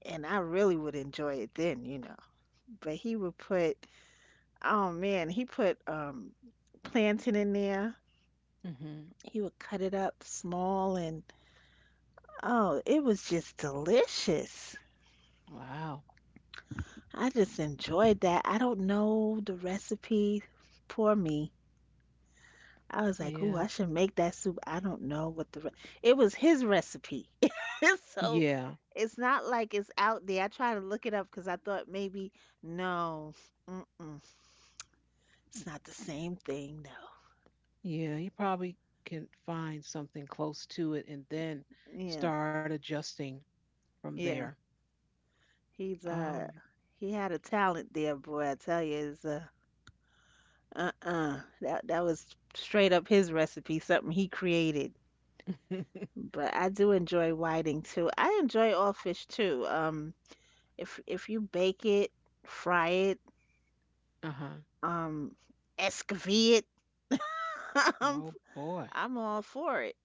S2: And I really would enjoy it then. But he would put, oh man, he put plantain in there.
S1: Hmm.
S2: He would cut it up small and oh, it was just delicious.
S1: Wow.
S2: I just enjoyed that. I don't know the recipe. Poor me. I was like, "Ooh,
S1: Yeah.
S2: I should make that soup." I don't know what the re it was his recipe. So
S1: Yeah.
S2: it's not like it's out there. I tried to look it up because I thought maybe no. Mm-mm. It's not the same thing, no.
S1: Yeah. You probably can find something close to it and then
S2: Yeah.
S1: start adjusting from there.
S2: Yeah. He's uh
S1: Um,
S2: he had a talent there, boy. I tell you, is uh-uh. That was straight up his recipe, something he created.
S1: uh
S2: But I do enjoy whiting too. I enjoy all fish too. If you bake it, fry it,
S1: huh.
S2: Um, excavate. I'm
S1: Oh boy.
S2: I'm all for it.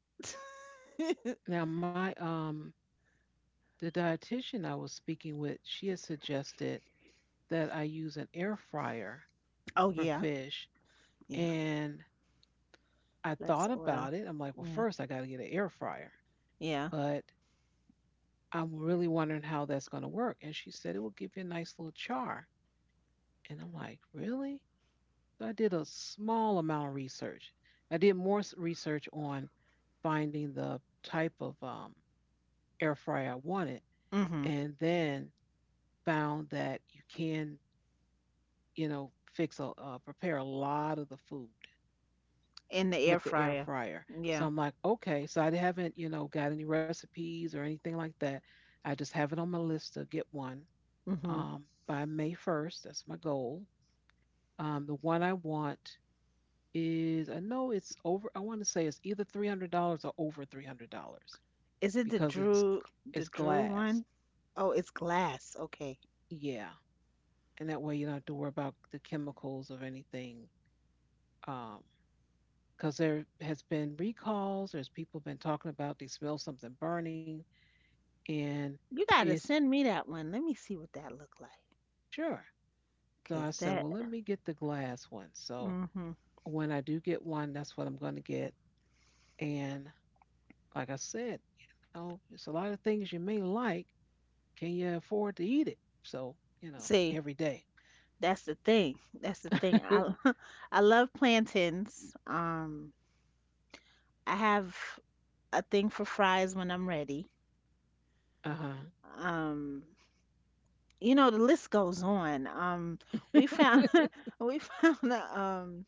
S1: Now my the dietitian I was speaking with, she had suggested that I use an air fryer
S2: Oh
S1: for
S2: yeah,
S1: fish
S2: yeah.
S1: and I
S2: Less
S1: thought about
S2: oil.
S1: it. I'm like, well,
S2: Yeah,
S1: first I got to get an air fryer,
S2: yeah.
S1: but I'm really wondering how that's going to work. And she said it will give you a nice little char. And I'm like, really? So I did a small amount of research. I did more research on finding the type of air fryer I wanted,
S2: Mhm.
S1: and then found that you can, you know, fix a prepare a lot of the food
S2: In the air
S1: with the air
S2: fryer.
S1: fryer. So
S2: Yeah.
S1: I'm like, okay. So I haven't, you know, got any recipes or anything like that. I just have it on my list to get one
S2: Mhm.
S1: by May 1st. That's my goal. The one I want is, I know it's over, I want to say it's either $300 or over $300
S2: Is it the
S1: because it's
S2: Drew
S1: it's glass.
S2: one? Oh, it's glass. Okay.
S1: Yeah. And that way you don't have to worry about the chemicals of anything. Um, because there has been recalls. There's people been talking about they smell something burning. And
S2: You gotta
S1: it's
S2: send me that one. Let me see what that look like.
S1: Sure. So I
S2: Cause
S1: said,
S2: that.
S1: well, let me get the glass one. So
S2: Mhm.
S1: when I do get one, that's what I'm going to get. And like I said, you know, it's a lot of things you may like. Can you afford to eat it? So, you know,
S2: See,
S1: every day.
S2: that's the thing. That's the thing.
S1: Uh
S2: I I love plantains. I have a thing for fries when I'm ready.
S1: huh.
S2: um you know, the list goes on. We found we found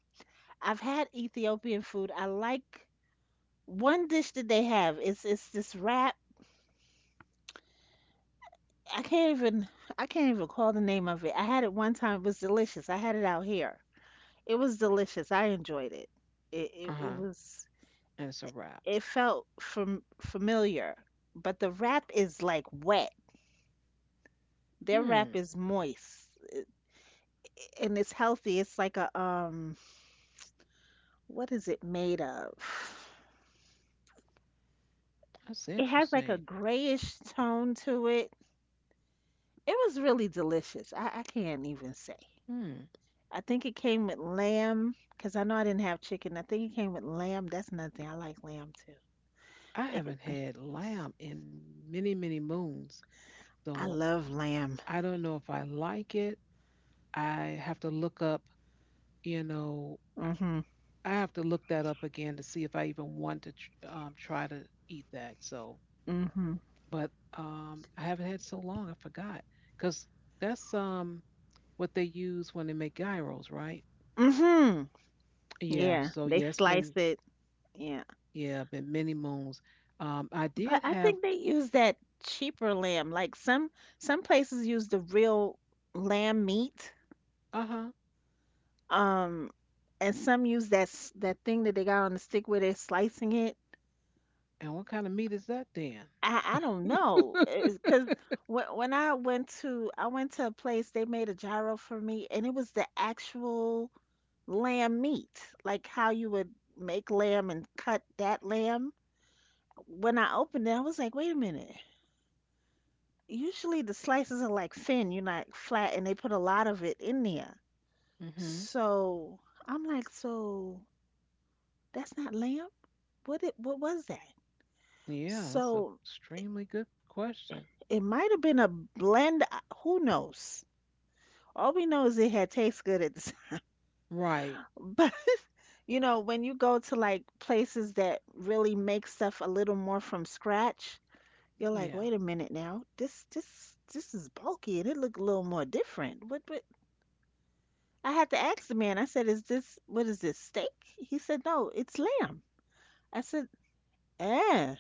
S2: I've had Ethiopian food. I like one dish that they have. It's this wrap. I can't even i can't even call the name of it. I had it one time. It was delicious. I had it out here. It was delicious. I enjoyed it.
S1: Uh
S2: It
S1: huh.
S2: was.
S1: And it's a wrap.
S2: It felt familiar. But the wrap is like wet. Their wrap
S1: Hmm.
S2: is moist, and it's healthy. It's like a, what is it made of?
S1: That's
S2: It has like a
S1: interesting.
S2: grayish tone to it. It was really delicious. I can't even say.
S1: Hmm.
S2: I think it came with lamb because I know I didn't have chicken. I think it came with lamb. That's another thing. I like lamb too.
S1: I
S2: It,
S1: haven't
S2: could-
S1: had lamb in many, many moons.
S2: I
S1: So
S2: love lamb.
S1: I don't know if I like it. I have to look up, you know,
S2: Mhm.
S1: I have to look that up again to see if I even want to try to eat that. So,
S2: Mhm.
S1: but I haven't had so long, I forgot. Because that's what they use when they make gyros, right?
S2: Mhm.
S1: Yeah.
S2: Yeah,
S1: So
S2: they
S1: yeah, it's
S2: slice
S1: been
S2: it. Yeah,
S1: yeah, been many moons. I
S2: but
S1: did
S2: I
S1: have
S2: think they use that cheaper lamb. Like some places use the real lamb meat.
S1: uh huh.
S2: Um, and some use that thing that they got on the stick where they're slicing it.
S1: And what kind of meat is that then?
S2: I don't know, because when I went to a place they made a gyro for me, and it was the actual lamb meat, like how you would make lamb and cut that lamb. When I opened it, I was like, wait a minute. Usually the slices are like thin, you're not flat, and they put a lot of it in there.
S1: Mm-hmm.
S2: So I'm like, so that's not lamb? What was that?
S1: Yeah, that's an
S2: So
S1: extremely good question.
S2: it might have been a blend. Who knows? All we know is it had taste good at the time.
S1: Right.
S2: But you know, when you go to like places that really make stuff a little more from scratch, you're like,
S1: Yeah.
S2: wait a minute now, this is bulky and it look a little more different. What, but I had to ask the man, I said, Is this what is this, steak? He said, no, it's lamb. I said, eh.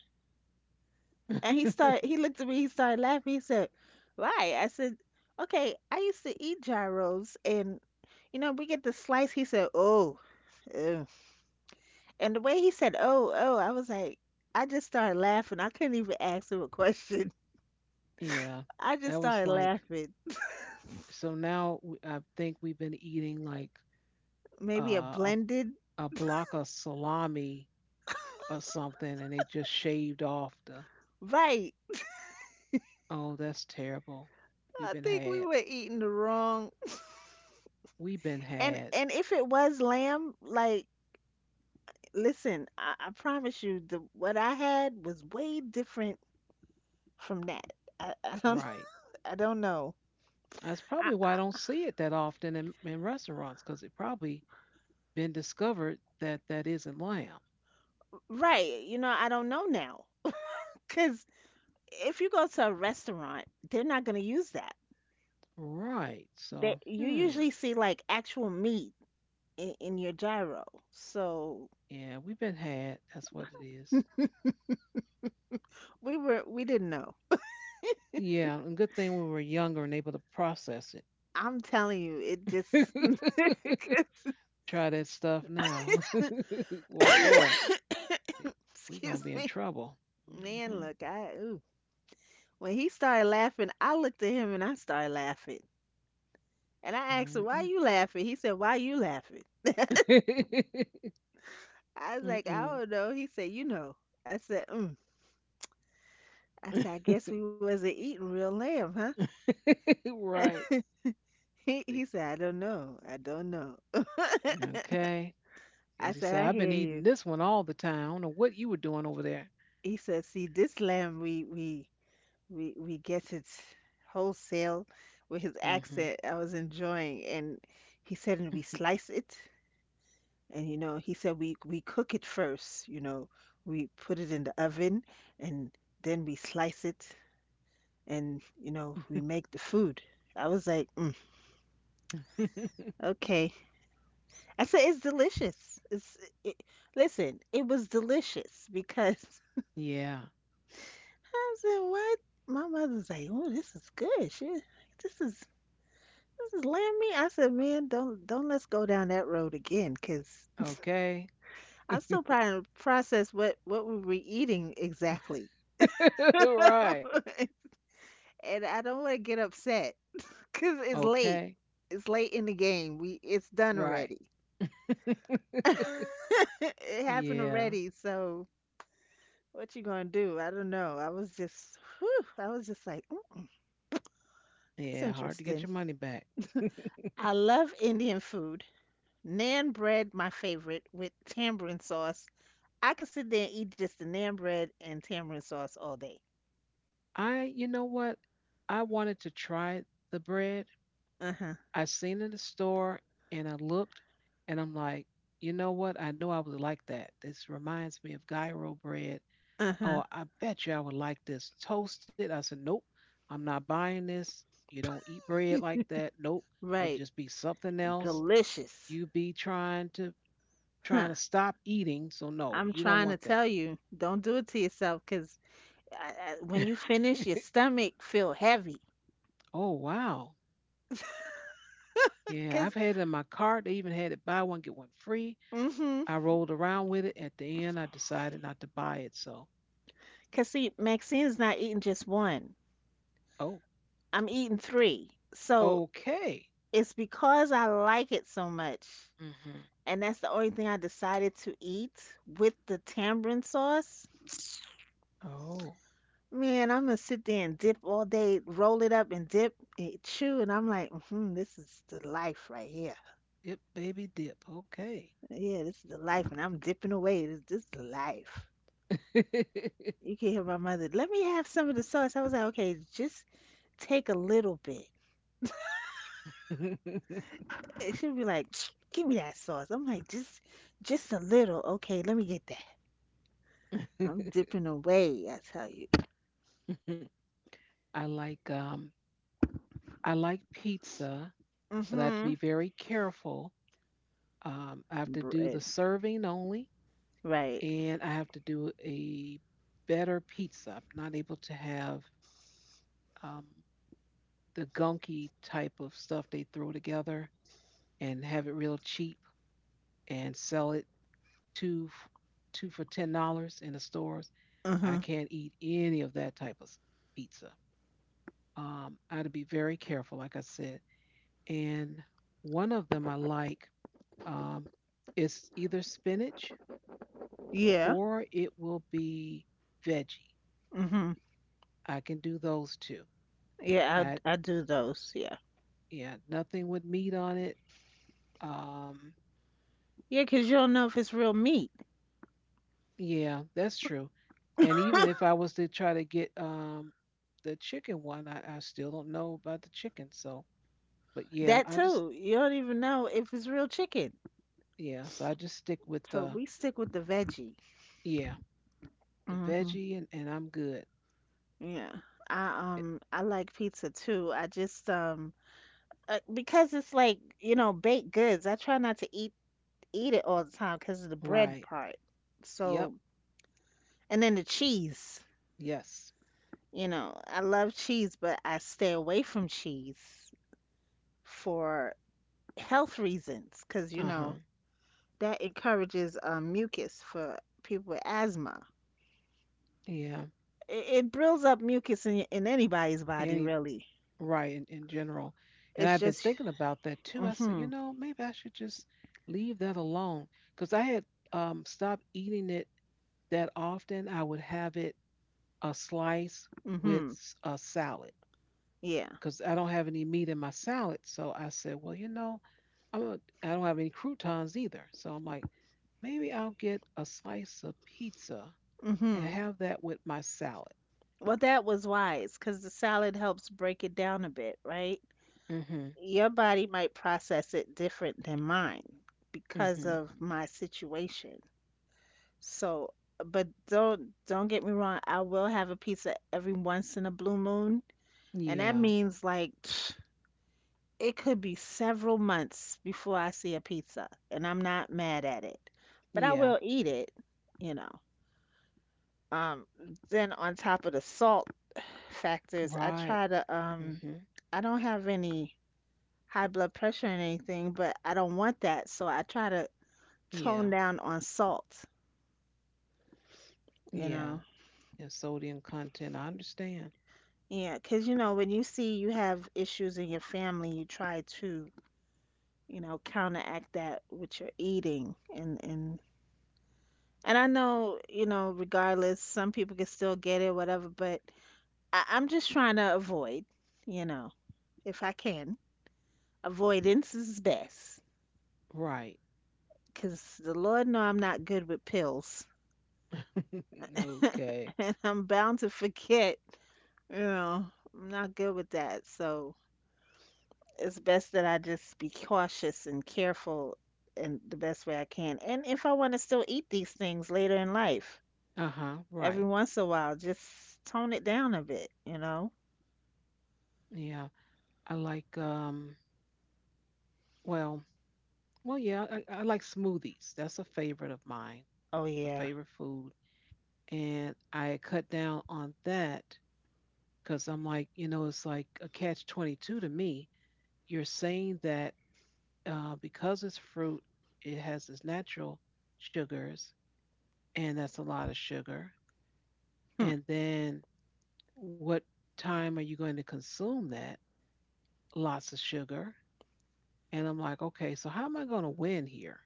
S2: And he looked at me, he started laughing. He said, why? I said, okay, I used to eat gyros and, you know, we get the slice. He said, oh, ugh. And the way he said, oh, oh, I was like, I just started laughing. I couldn't even ask him a question.
S1: Yeah.
S2: I
S1: That
S2: just
S1: was
S2: started
S1: like
S2: laughing.
S1: so now I think we've been eating like
S2: Maybe a
S1: a
S2: blended,
S1: block of salami or something, and they just shaved off the.
S2: right?
S1: Oh, that's terrible. We've
S2: I
S1: been
S2: think we
S1: had.
S2: were eating the wrong.
S1: We've been
S2: And
S1: had.
S2: and if it was lamb, like, listen, I promise you, the what I had was way different from that. I, I don't
S1: Right.
S2: I don't know.
S1: That's
S2: I,
S1: probably why I
S2: I,
S1: don't see it that often in restaurants because it probably been discovered that that isn't lamb.
S2: right. You know, I don't know now. Because if you go to a restaurant, they're not going to use that.
S1: Right. So,
S2: You
S1: hmm.
S2: usually see like actual meat in your gyro. So
S1: Yeah, we've been had. That's what it is.
S2: we didn't know.
S1: Yeah, and good thing we were younger and able to process
S2: I'm telling you, it
S1: it.
S2: just, 'cause-
S1: Try that stuff now. Well, boy, we, we gonna
S2: excuse
S1: be in
S2: me.
S1: trouble.
S2: Man,
S1: Mhm,
S2: look, I, ooh. When he started laughing, I looked at him and I started laughing. And I asked him, why
S1: mhm,
S2: you laughing? He said, why you laughing?
S1: mm.
S2: I was like, I
S1: Mm-mm.
S2: don't know. He said, you know. I said, mm. I said, I guess we wasn't eating real lamb, huh?
S1: Right.
S2: He
S1: The-
S2: he said, I don't know. I don't know.
S1: Okay.
S2: I
S1: As he
S2: said,
S1: said,
S2: I
S1: I've been
S2: hear
S1: eating
S2: you.
S1: this one all the time. I don't know what you were doing over there.
S2: He said, see, this lamb we get it wholesale, with his
S1: Hmm.
S2: accent. I was enjoying, and he said, and we slice it, and you know, he said we cook it first. You know, we put it in the oven, and then we slice it, and you know we make the food. I was like, mm, okay. I said, it's delicious. It, listen, it was delicious, because
S1: Yeah.
S2: I said, what? My mother's like, oh, this is good, she, this is this is lamb meat. I said, man, don't let's go down that road again, because
S1: Okay.
S2: I'm still trying to process what we were eating exactly.
S1: Right.
S2: And I don't want to get upset because it's late
S1: Okay.
S2: it's late in the game. We it's done
S1: Right.
S2: already. It happened
S1: Yeah.
S2: already, so what you gonna do? I don't know. I was just, whew, I was just like, "Mm,
S1: Yeah.
S2: that's
S1: Hard to get your
S2: interesting."
S1: money back.
S2: I love Indian food. Naan bread, my favorite, with tamarind sauce. I could sit there and eat just the naan bread and tamarind sauce all day.
S1: I, you know what? I wanted to try the bread
S2: Uh huh.
S1: I seen in the store and I looked and I'm like, you know what? I know I would like that. This reminds me of gyro bread.
S2: Uh huh.
S1: Oh, I bet you I would like this toasted. I said, nope, I'm not buying this. You don't eat bread like that. Nope, it'll
S2: Right.
S1: just be something else.
S2: Delicious.
S1: You be trying to Trying
S2: Huh.
S1: to stop eating, so no,
S2: I'm
S1: you don't
S2: trying
S1: want
S2: to
S1: that.
S2: tell you, don't do it to yourself, cause when you finish, your stomach feel heavy.
S1: Oh wow, yeah,
S2: because
S1: I've had it in my cart. They even had it buy one get one free. I rolled around with it. At the end, I decided not to buy it. So,
S2: Cause see, Maxine's not eating just one.
S1: oh,
S2: I'm eating three. So
S1: okay.
S2: it's because I like it so much.
S1: Mm-hmm.
S2: And that's the only thing I decided to eat with the tamarind sauce.
S1: Oh,
S2: Man, I'm gonna sit there and dip all day, roll it up and dip and chew, and I'm like, hmm, this is the life right here.
S1: dip, baby, dip. Okay.
S2: Yeah, this is the life, and I'm dipping away. This is the life. You can hear my mother, let me have some of the sauce. I was like, okay, just take a little bit. She'll be like, "Give me that sauce." I'm like, just a little." Okay, let me get that. I'm dipping away. I tell you.
S1: I like um, I like pizza, but I have to
S2: Mhm.
S1: be very careful. I have to do the
S2: Bread.
S1: serving only,
S2: Right.
S1: and I have to do a better pizza. I'm not able to have um, the gunky type of stuff they throw together and have it real cheap and sell it two two for $10 in the stores. I
S2: Mhm.
S1: can't eat any of that type of pizza. I had to be very careful, like I said. And one of them I like um, is either spinach
S2: Yeah.
S1: or it will be veggie.
S2: Mhm.
S1: I can do those two.
S2: Yeah.
S1: I
S2: I do those. Yeah.
S1: Yeah, nothing with meat on it. Um.
S2: Yeah, 'cause you don't know if it's real meat.
S1: Yeah, that's true. And even if I was to try to get the chicken one, I still don't know about the chicken. So, but yeah,
S2: That
S1: I just
S2: too. You don't even know if it's real chicken.
S1: yeah, so I just stick with
S2: So
S1: the
S2: we stick with the veggie.
S1: yeah, the
S2: Mhm.
S1: veggie and I'm good.
S2: Yeah.
S1: Eh.
S2: I like pizza too. I just because it's like, you know, baked goods. I try not to eat it all the time because of the bread
S1: Right.
S2: part.
S1: Yep.
S2: So, and then the cheese.
S1: Yes.
S2: You know, I love cheese, but I stay away from cheese for health reasons because, you know,
S1: Uh-huh.
S2: that encourages mucus for people with asthma.
S1: Yeah.
S2: It builds up mucus in anybody's body,
S1: Any
S2: really.
S1: right in general. And
S2: It's
S1: I've been
S2: just,
S1: thinking about that too. I said, you
S2: mm-hmm,
S1: know, maybe I should just leave that alone because I had stopped eating it that often. I would have it a slice with
S2: mm-hmm,
S1: a salad
S2: yeah,
S1: because I don't have any meat in my salad. So I said, well, you know, I don't have any croutons either. So I'm like, maybe I'll get a slice of pizza
S2: mm-hmm.
S1: and have that with my salad.
S2: Well, that was wise because the salad helps break it down a bit, right?
S1: Mhm.
S2: Your body might process it different than mine because
S1: Mhm.
S2: of my situation. So, but don't get me wrong, I will have a pizza every once in a blue moon, and that
S1: Yeah.
S2: means like it could be several months before I see a pizza, and I'm not mad at it. But I will
S1: Yeah.
S2: eat it, you know. Um, then on top of the salt factors, I
S1: Right.
S2: try to
S1: Mhm.
S2: I don't have any high blood pressure and anything, but I don't want that. So I try to tone
S1: Yeah.
S2: down on salt, you know.
S1: Yeah, and sodium content. I understand.
S2: Yeah, 'cause you know, when you see you have issues in your family, you try to, you know, counteract that with your eating and I know, you know, regardless, some people can still get it, whatever, but I'm just trying to avoid, you know, if I can. Avoidance is best.
S1: Right.
S2: 'Cause the Lord know I'm not good with pills
S1: Okay.
S2: and I'm bound to forget. Yeah, I'm not good with that. So it's best that I just be cautious and careful in the best way I can. And if I want to still eat these things later in life,
S1: Uh huh.
S2: every
S1: Right.
S2: once in a while, just tone it down a bit, you know?
S1: Yeah. I like. Well. Well, yeah, I like smoothies. That's a favorite of mine,
S2: Oh,
S1: a
S2: yeah.
S1: favorite food. And I cut down on that because I'm like, you know, it's like a catch 22 to me. You're saying that because it's fruit, it has its natural sugars, and that's a lot of sugar.
S2: Hmm.
S1: And then what time are you going to consume that? Lots of sugar. And I'm like, okay, so how am I going to win here?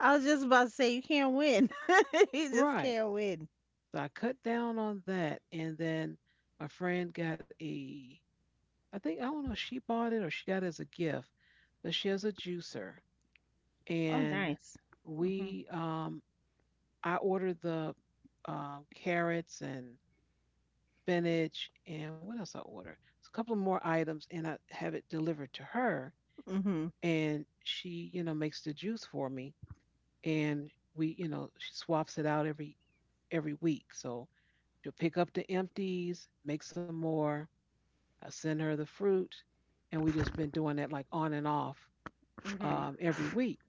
S2: I was just about to say, you can't win. You just
S1: Right.
S2: can't win.
S1: So I cut down on that, and then my friend got I think I don't know, if she bought it or she got it as a gift, but she has a juicer,
S2: Oh,
S1: and
S2: nice.
S1: we, I ordered the carrots and spinach, and what else I ordered? It's a couple of more items, and I have it delivered to her,
S2: Hmm hmm.
S1: and she, you know, makes the juice for me, and we, you know, she swaps it out every week, so. She'll pick up the empties, make some more, I send her the fruit, and we just been doing that like on and off,
S2: Hmm
S1: every week,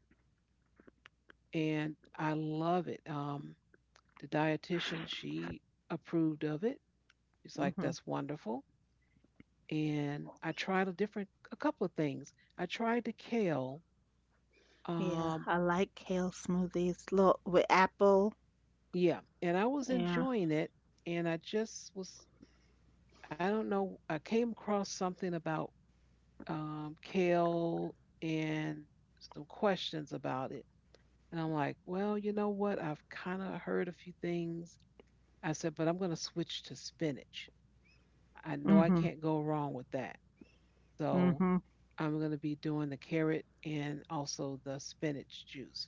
S1: and I love it. The dietitian she approved of it. She's like,
S2: hmm.
S1: "That's wonderful." And I tried a couple of things. I tried the kale.
S2: Yeah,
S1: Um,
S2: I like kale smoothies. Look, with apple.
S1: yeah, and I was
S2: Yeah.
S1: enjoying it, and I just was. I don't know. I came across something about, kale and some questions about it. And I'm like, well, you know what? I've kind of heard a few things. I said, but I'm going to switch to spinach. I know I
S2: Hmm
S1: can't go wrong with that. So
S2: hmm.
S1: I'm going to be doing the carrot and also the spinach juice.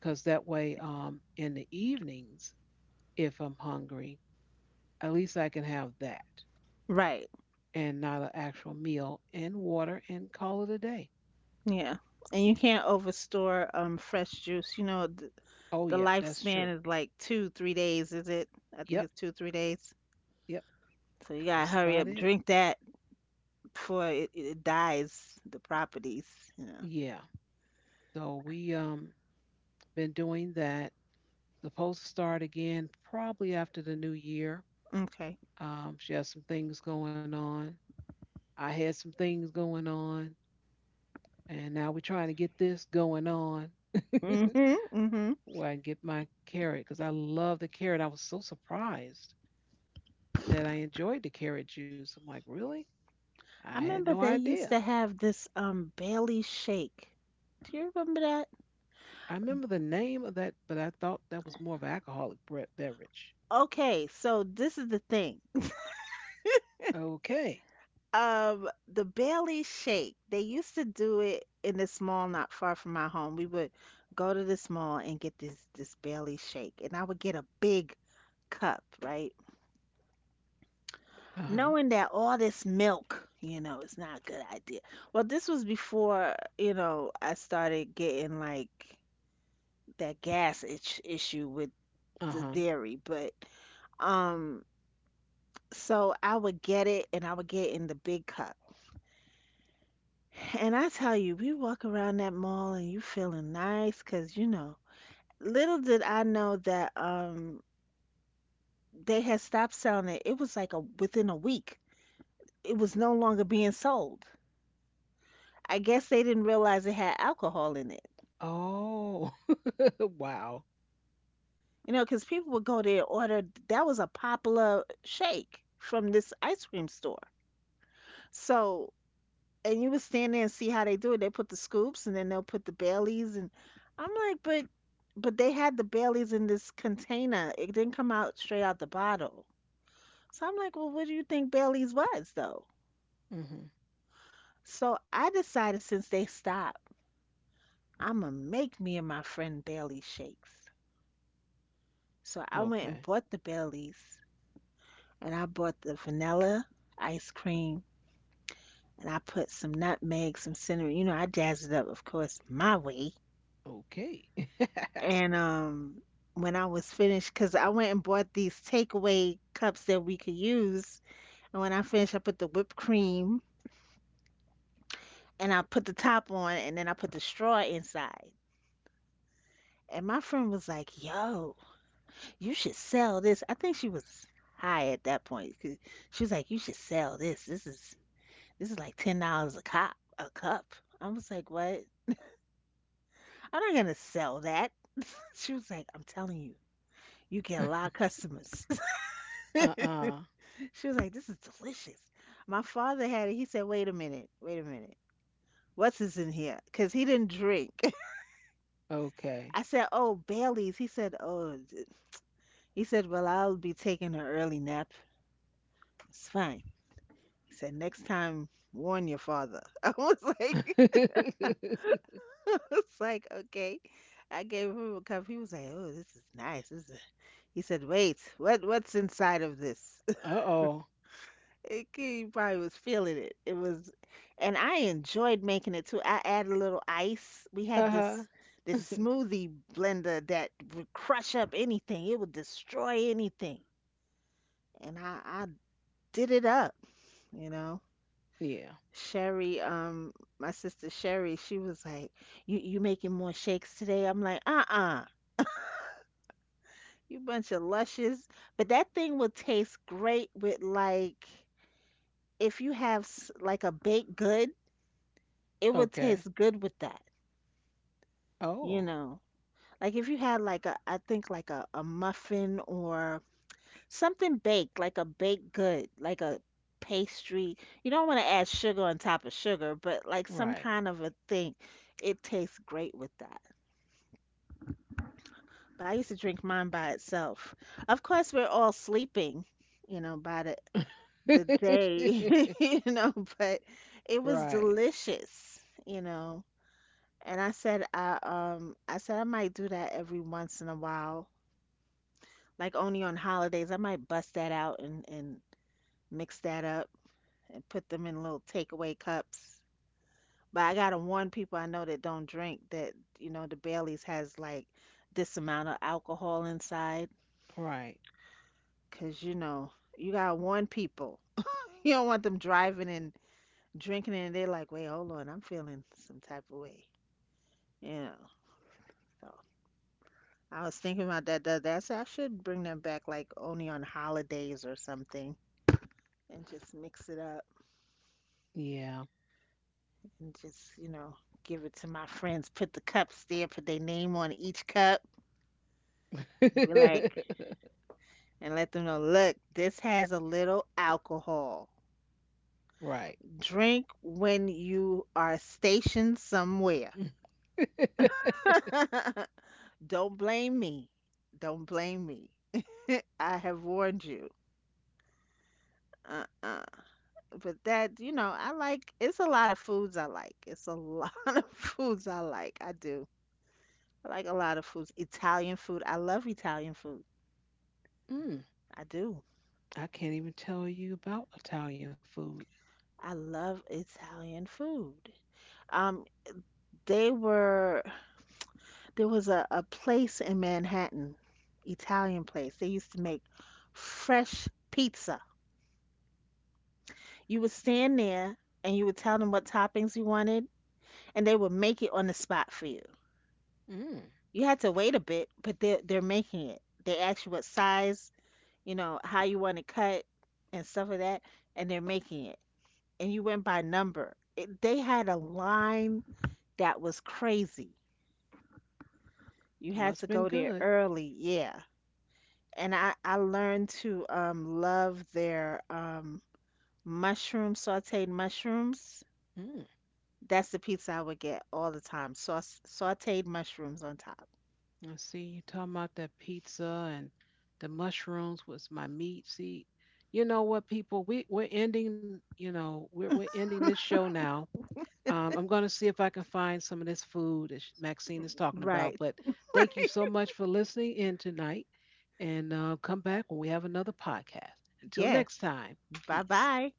S1: Because that way, in the evenings, if I'm hungry, at least I can have that
S2: Right.
S1: and not an actual meal and water and call it a day.
S2: Yeah. And you can't overstore fresh juice. You know,
S1: Oh,
S2: the
S1: yeah, that's
S2: lifespan
S1: true.
S2: is like two, 3 days, is it? I think
S1: Yep,
S2: it's two, 3 days.
S1: yep,
S2: So you
S1: that's
S2: gotta
S1: about
S2: hurry up,
S1: it.
S2: drink that before it dies, the properties, you know.
S1: Yeah. So we been doing that, supposed to start again probably after the new year.
S2: Okay.
S1: She has some things going on. I had some things going on, and now we're trying to get this going on
S2: Mhm. Mhm.
S1: where I get my carrot because I love the carrot. I was so surprised that I enjoyed the carrot juice. I'm like, really? I
S2: I
S1: had no
S2: remember they used
S1: idea.
S2: to have this Bailey shake. Do you remember that?
S1: I remember the name of that, but I thought that was more of an beverage.
S2: Okay, so this is the thing.
S1: Okay.
S2: The Bailey shake. They used to do it in this mall not far from my home. We would go to this mall and get this Bailey shake, and I would get a big cup, right?
S1: Uh huh.
S2: Knowing that all this milk, you know, it's not a good idea. Well, this was before, you know, I started getting like that gas itch issue with
S1: Uh
S2: the
S1: huh.
S2: dairy, but um so I would get it and I would get it in the big cup. And I tell you, we walk around that mall and you feeling nice 'cause you know, little did I know that they had stopped selling it. It was like a within a week. It was no longer being sold. I guess they didn't realize it had alcohol in it.
S1: Oh, wow.
S2: You know, 'cause people would go there and order that was a popular shake from this ice cream store. So and you would stand there and see how they do it. They put the scoops and then they'll put the Baileys and I'm like, but they had the Baileys in this container. It didn't come out straight out the bottle. So I'm like, well, what do you think Baileys was though?
S1: Hmm.
S2: So I decided since they stopped, I'm gonna make me and my friend Bailey shakes. So I went and
S1: Okay.
S2: bought the Baileys and I bought the vanilla ice cream and I put some nutmeg, some cinnamon. You know, I jazzed it up, of course, my way.
S1: Okay.
S2: And when I was finished, because I went and bought these takeaway cups that we could use. And when I finished, I put the whipped cream and I put the top on and then I put the straw inside. And my friend was like, "Yo, you should sell this." I think she was high at that point, 'cause she was like, "You should sell this. This is like $10 a cup a cup." I was like, "What? I'm not gonna sell that." She was like, "I'm telling you, you get a lot of customers."
S1: Uh-uh.
S2: She was like, "This is delicious." My father had it. He said, "Wait a minute, wait a minute. What's this in here?" Because he didn't drink.
S1: Okay.
S2: I said, "Oh, Bailey's." He said, "Oh," he said, "Well, I'll be taking an early nap. It's fine." He said, "Next time, warn your father." I was like, I was like, okay. I gave him a cup. He was like, "Oh, this is nice. He said, "Wait, what? What's inside of this?"
S1: Uh-oh.
S2: It, he probably was feeling it. It was, and I enjoyed making it too. I added a little ice. We had
S1: Uh-huh.
S2: this smoothie blender that would crush up anything. It would destroy anything, and I did it up. You know,
S1: Yeah.
S2: Sherry, my sister Sherry, she was like, You making more shakes today?" I'm like, "Uh-uh, you bunch of lushes." But that thing would taste great with like if you have like a baked good, it would
S1: Okay.
S2: taste good with that. You
S1: Oh,
S2: know, like if you had like I think like a muffin or something baked, like a baked good, like a pastry. You don't want to add sugar on top of sugar, but like some
S1: right.
S2: kind of a thing. It tastes great with that. But I used to drink mine by itself. Of course, we're all sleeping, you know, by the day, you know, but it was
S1: Right.
S2: delicious, you know. And I said I might do that every once in a while like only on holidays. I might bust that out and mix that up and put them in little takeaway cups. But I gotta warn people I know that don't drink that, you know, the Baileys has like this amount of alcohol inside,
S1: Right.
S2: cause you know you gotta warn people. You don't want them driving and drinking and they're like, wait, hold on, I'm feeling some type of way. You know, so I was thinking about that the other day. I said I should bring them back like only on holidays or something and just mix it up,
S1: Yeah.
S2: and just, you know, give it to my friends. Put the cups there, put their name on each cup. Be like, and let them know, look, this has a little alcohol.
S1: Right.
S2: Drink when you are stationed somewhere. Don't blame me. Don't blame me. I have warned you. Uh-uh. But that, you know, I like, it's a lot of foods I like. It's a lot of foods I like. I do. I like a lot of foods. Italian food. I love Italian food.
S1: Mm,
S2: I do.
S1: I can't even tell you about Italian food.
S2: I love Italian food. Um, they were there was a place in Manhattan, Italian place. They used to make fresh pizza. You would stand there and you would tell them what toppings you wanted, and they would make it on the spot for you.
S1: Mm,
S2: You had to wait a bit, but they're making it. They ask you what size, you know, how you want to cut and stuff like that, and they're making it. And you went by number. It, they had a line that was crazy. You had
S1: must
S2: to
S1: been
S2: go there
S1: good.
S2: early, yeah. And I learned to love their mushroom sautéed mushrooms.
S1: Mm.
S2: That's the pizza I would get all the time. Sauce sautéed mushrooms on top.
S1: I see you talking about that pizza and the mushrooms was my meat. See, you know what, people, we're ending. You know, we're ending this show now. I'm going to see if I can find some of this food that Maxine is talking about.
S2: Right.
S1: But thank you so much for listening in tonight, and come back when we have another podcast. Until
S2: Yes.
S1: next time,
S2: Bye
S1: peace.
S2: bye.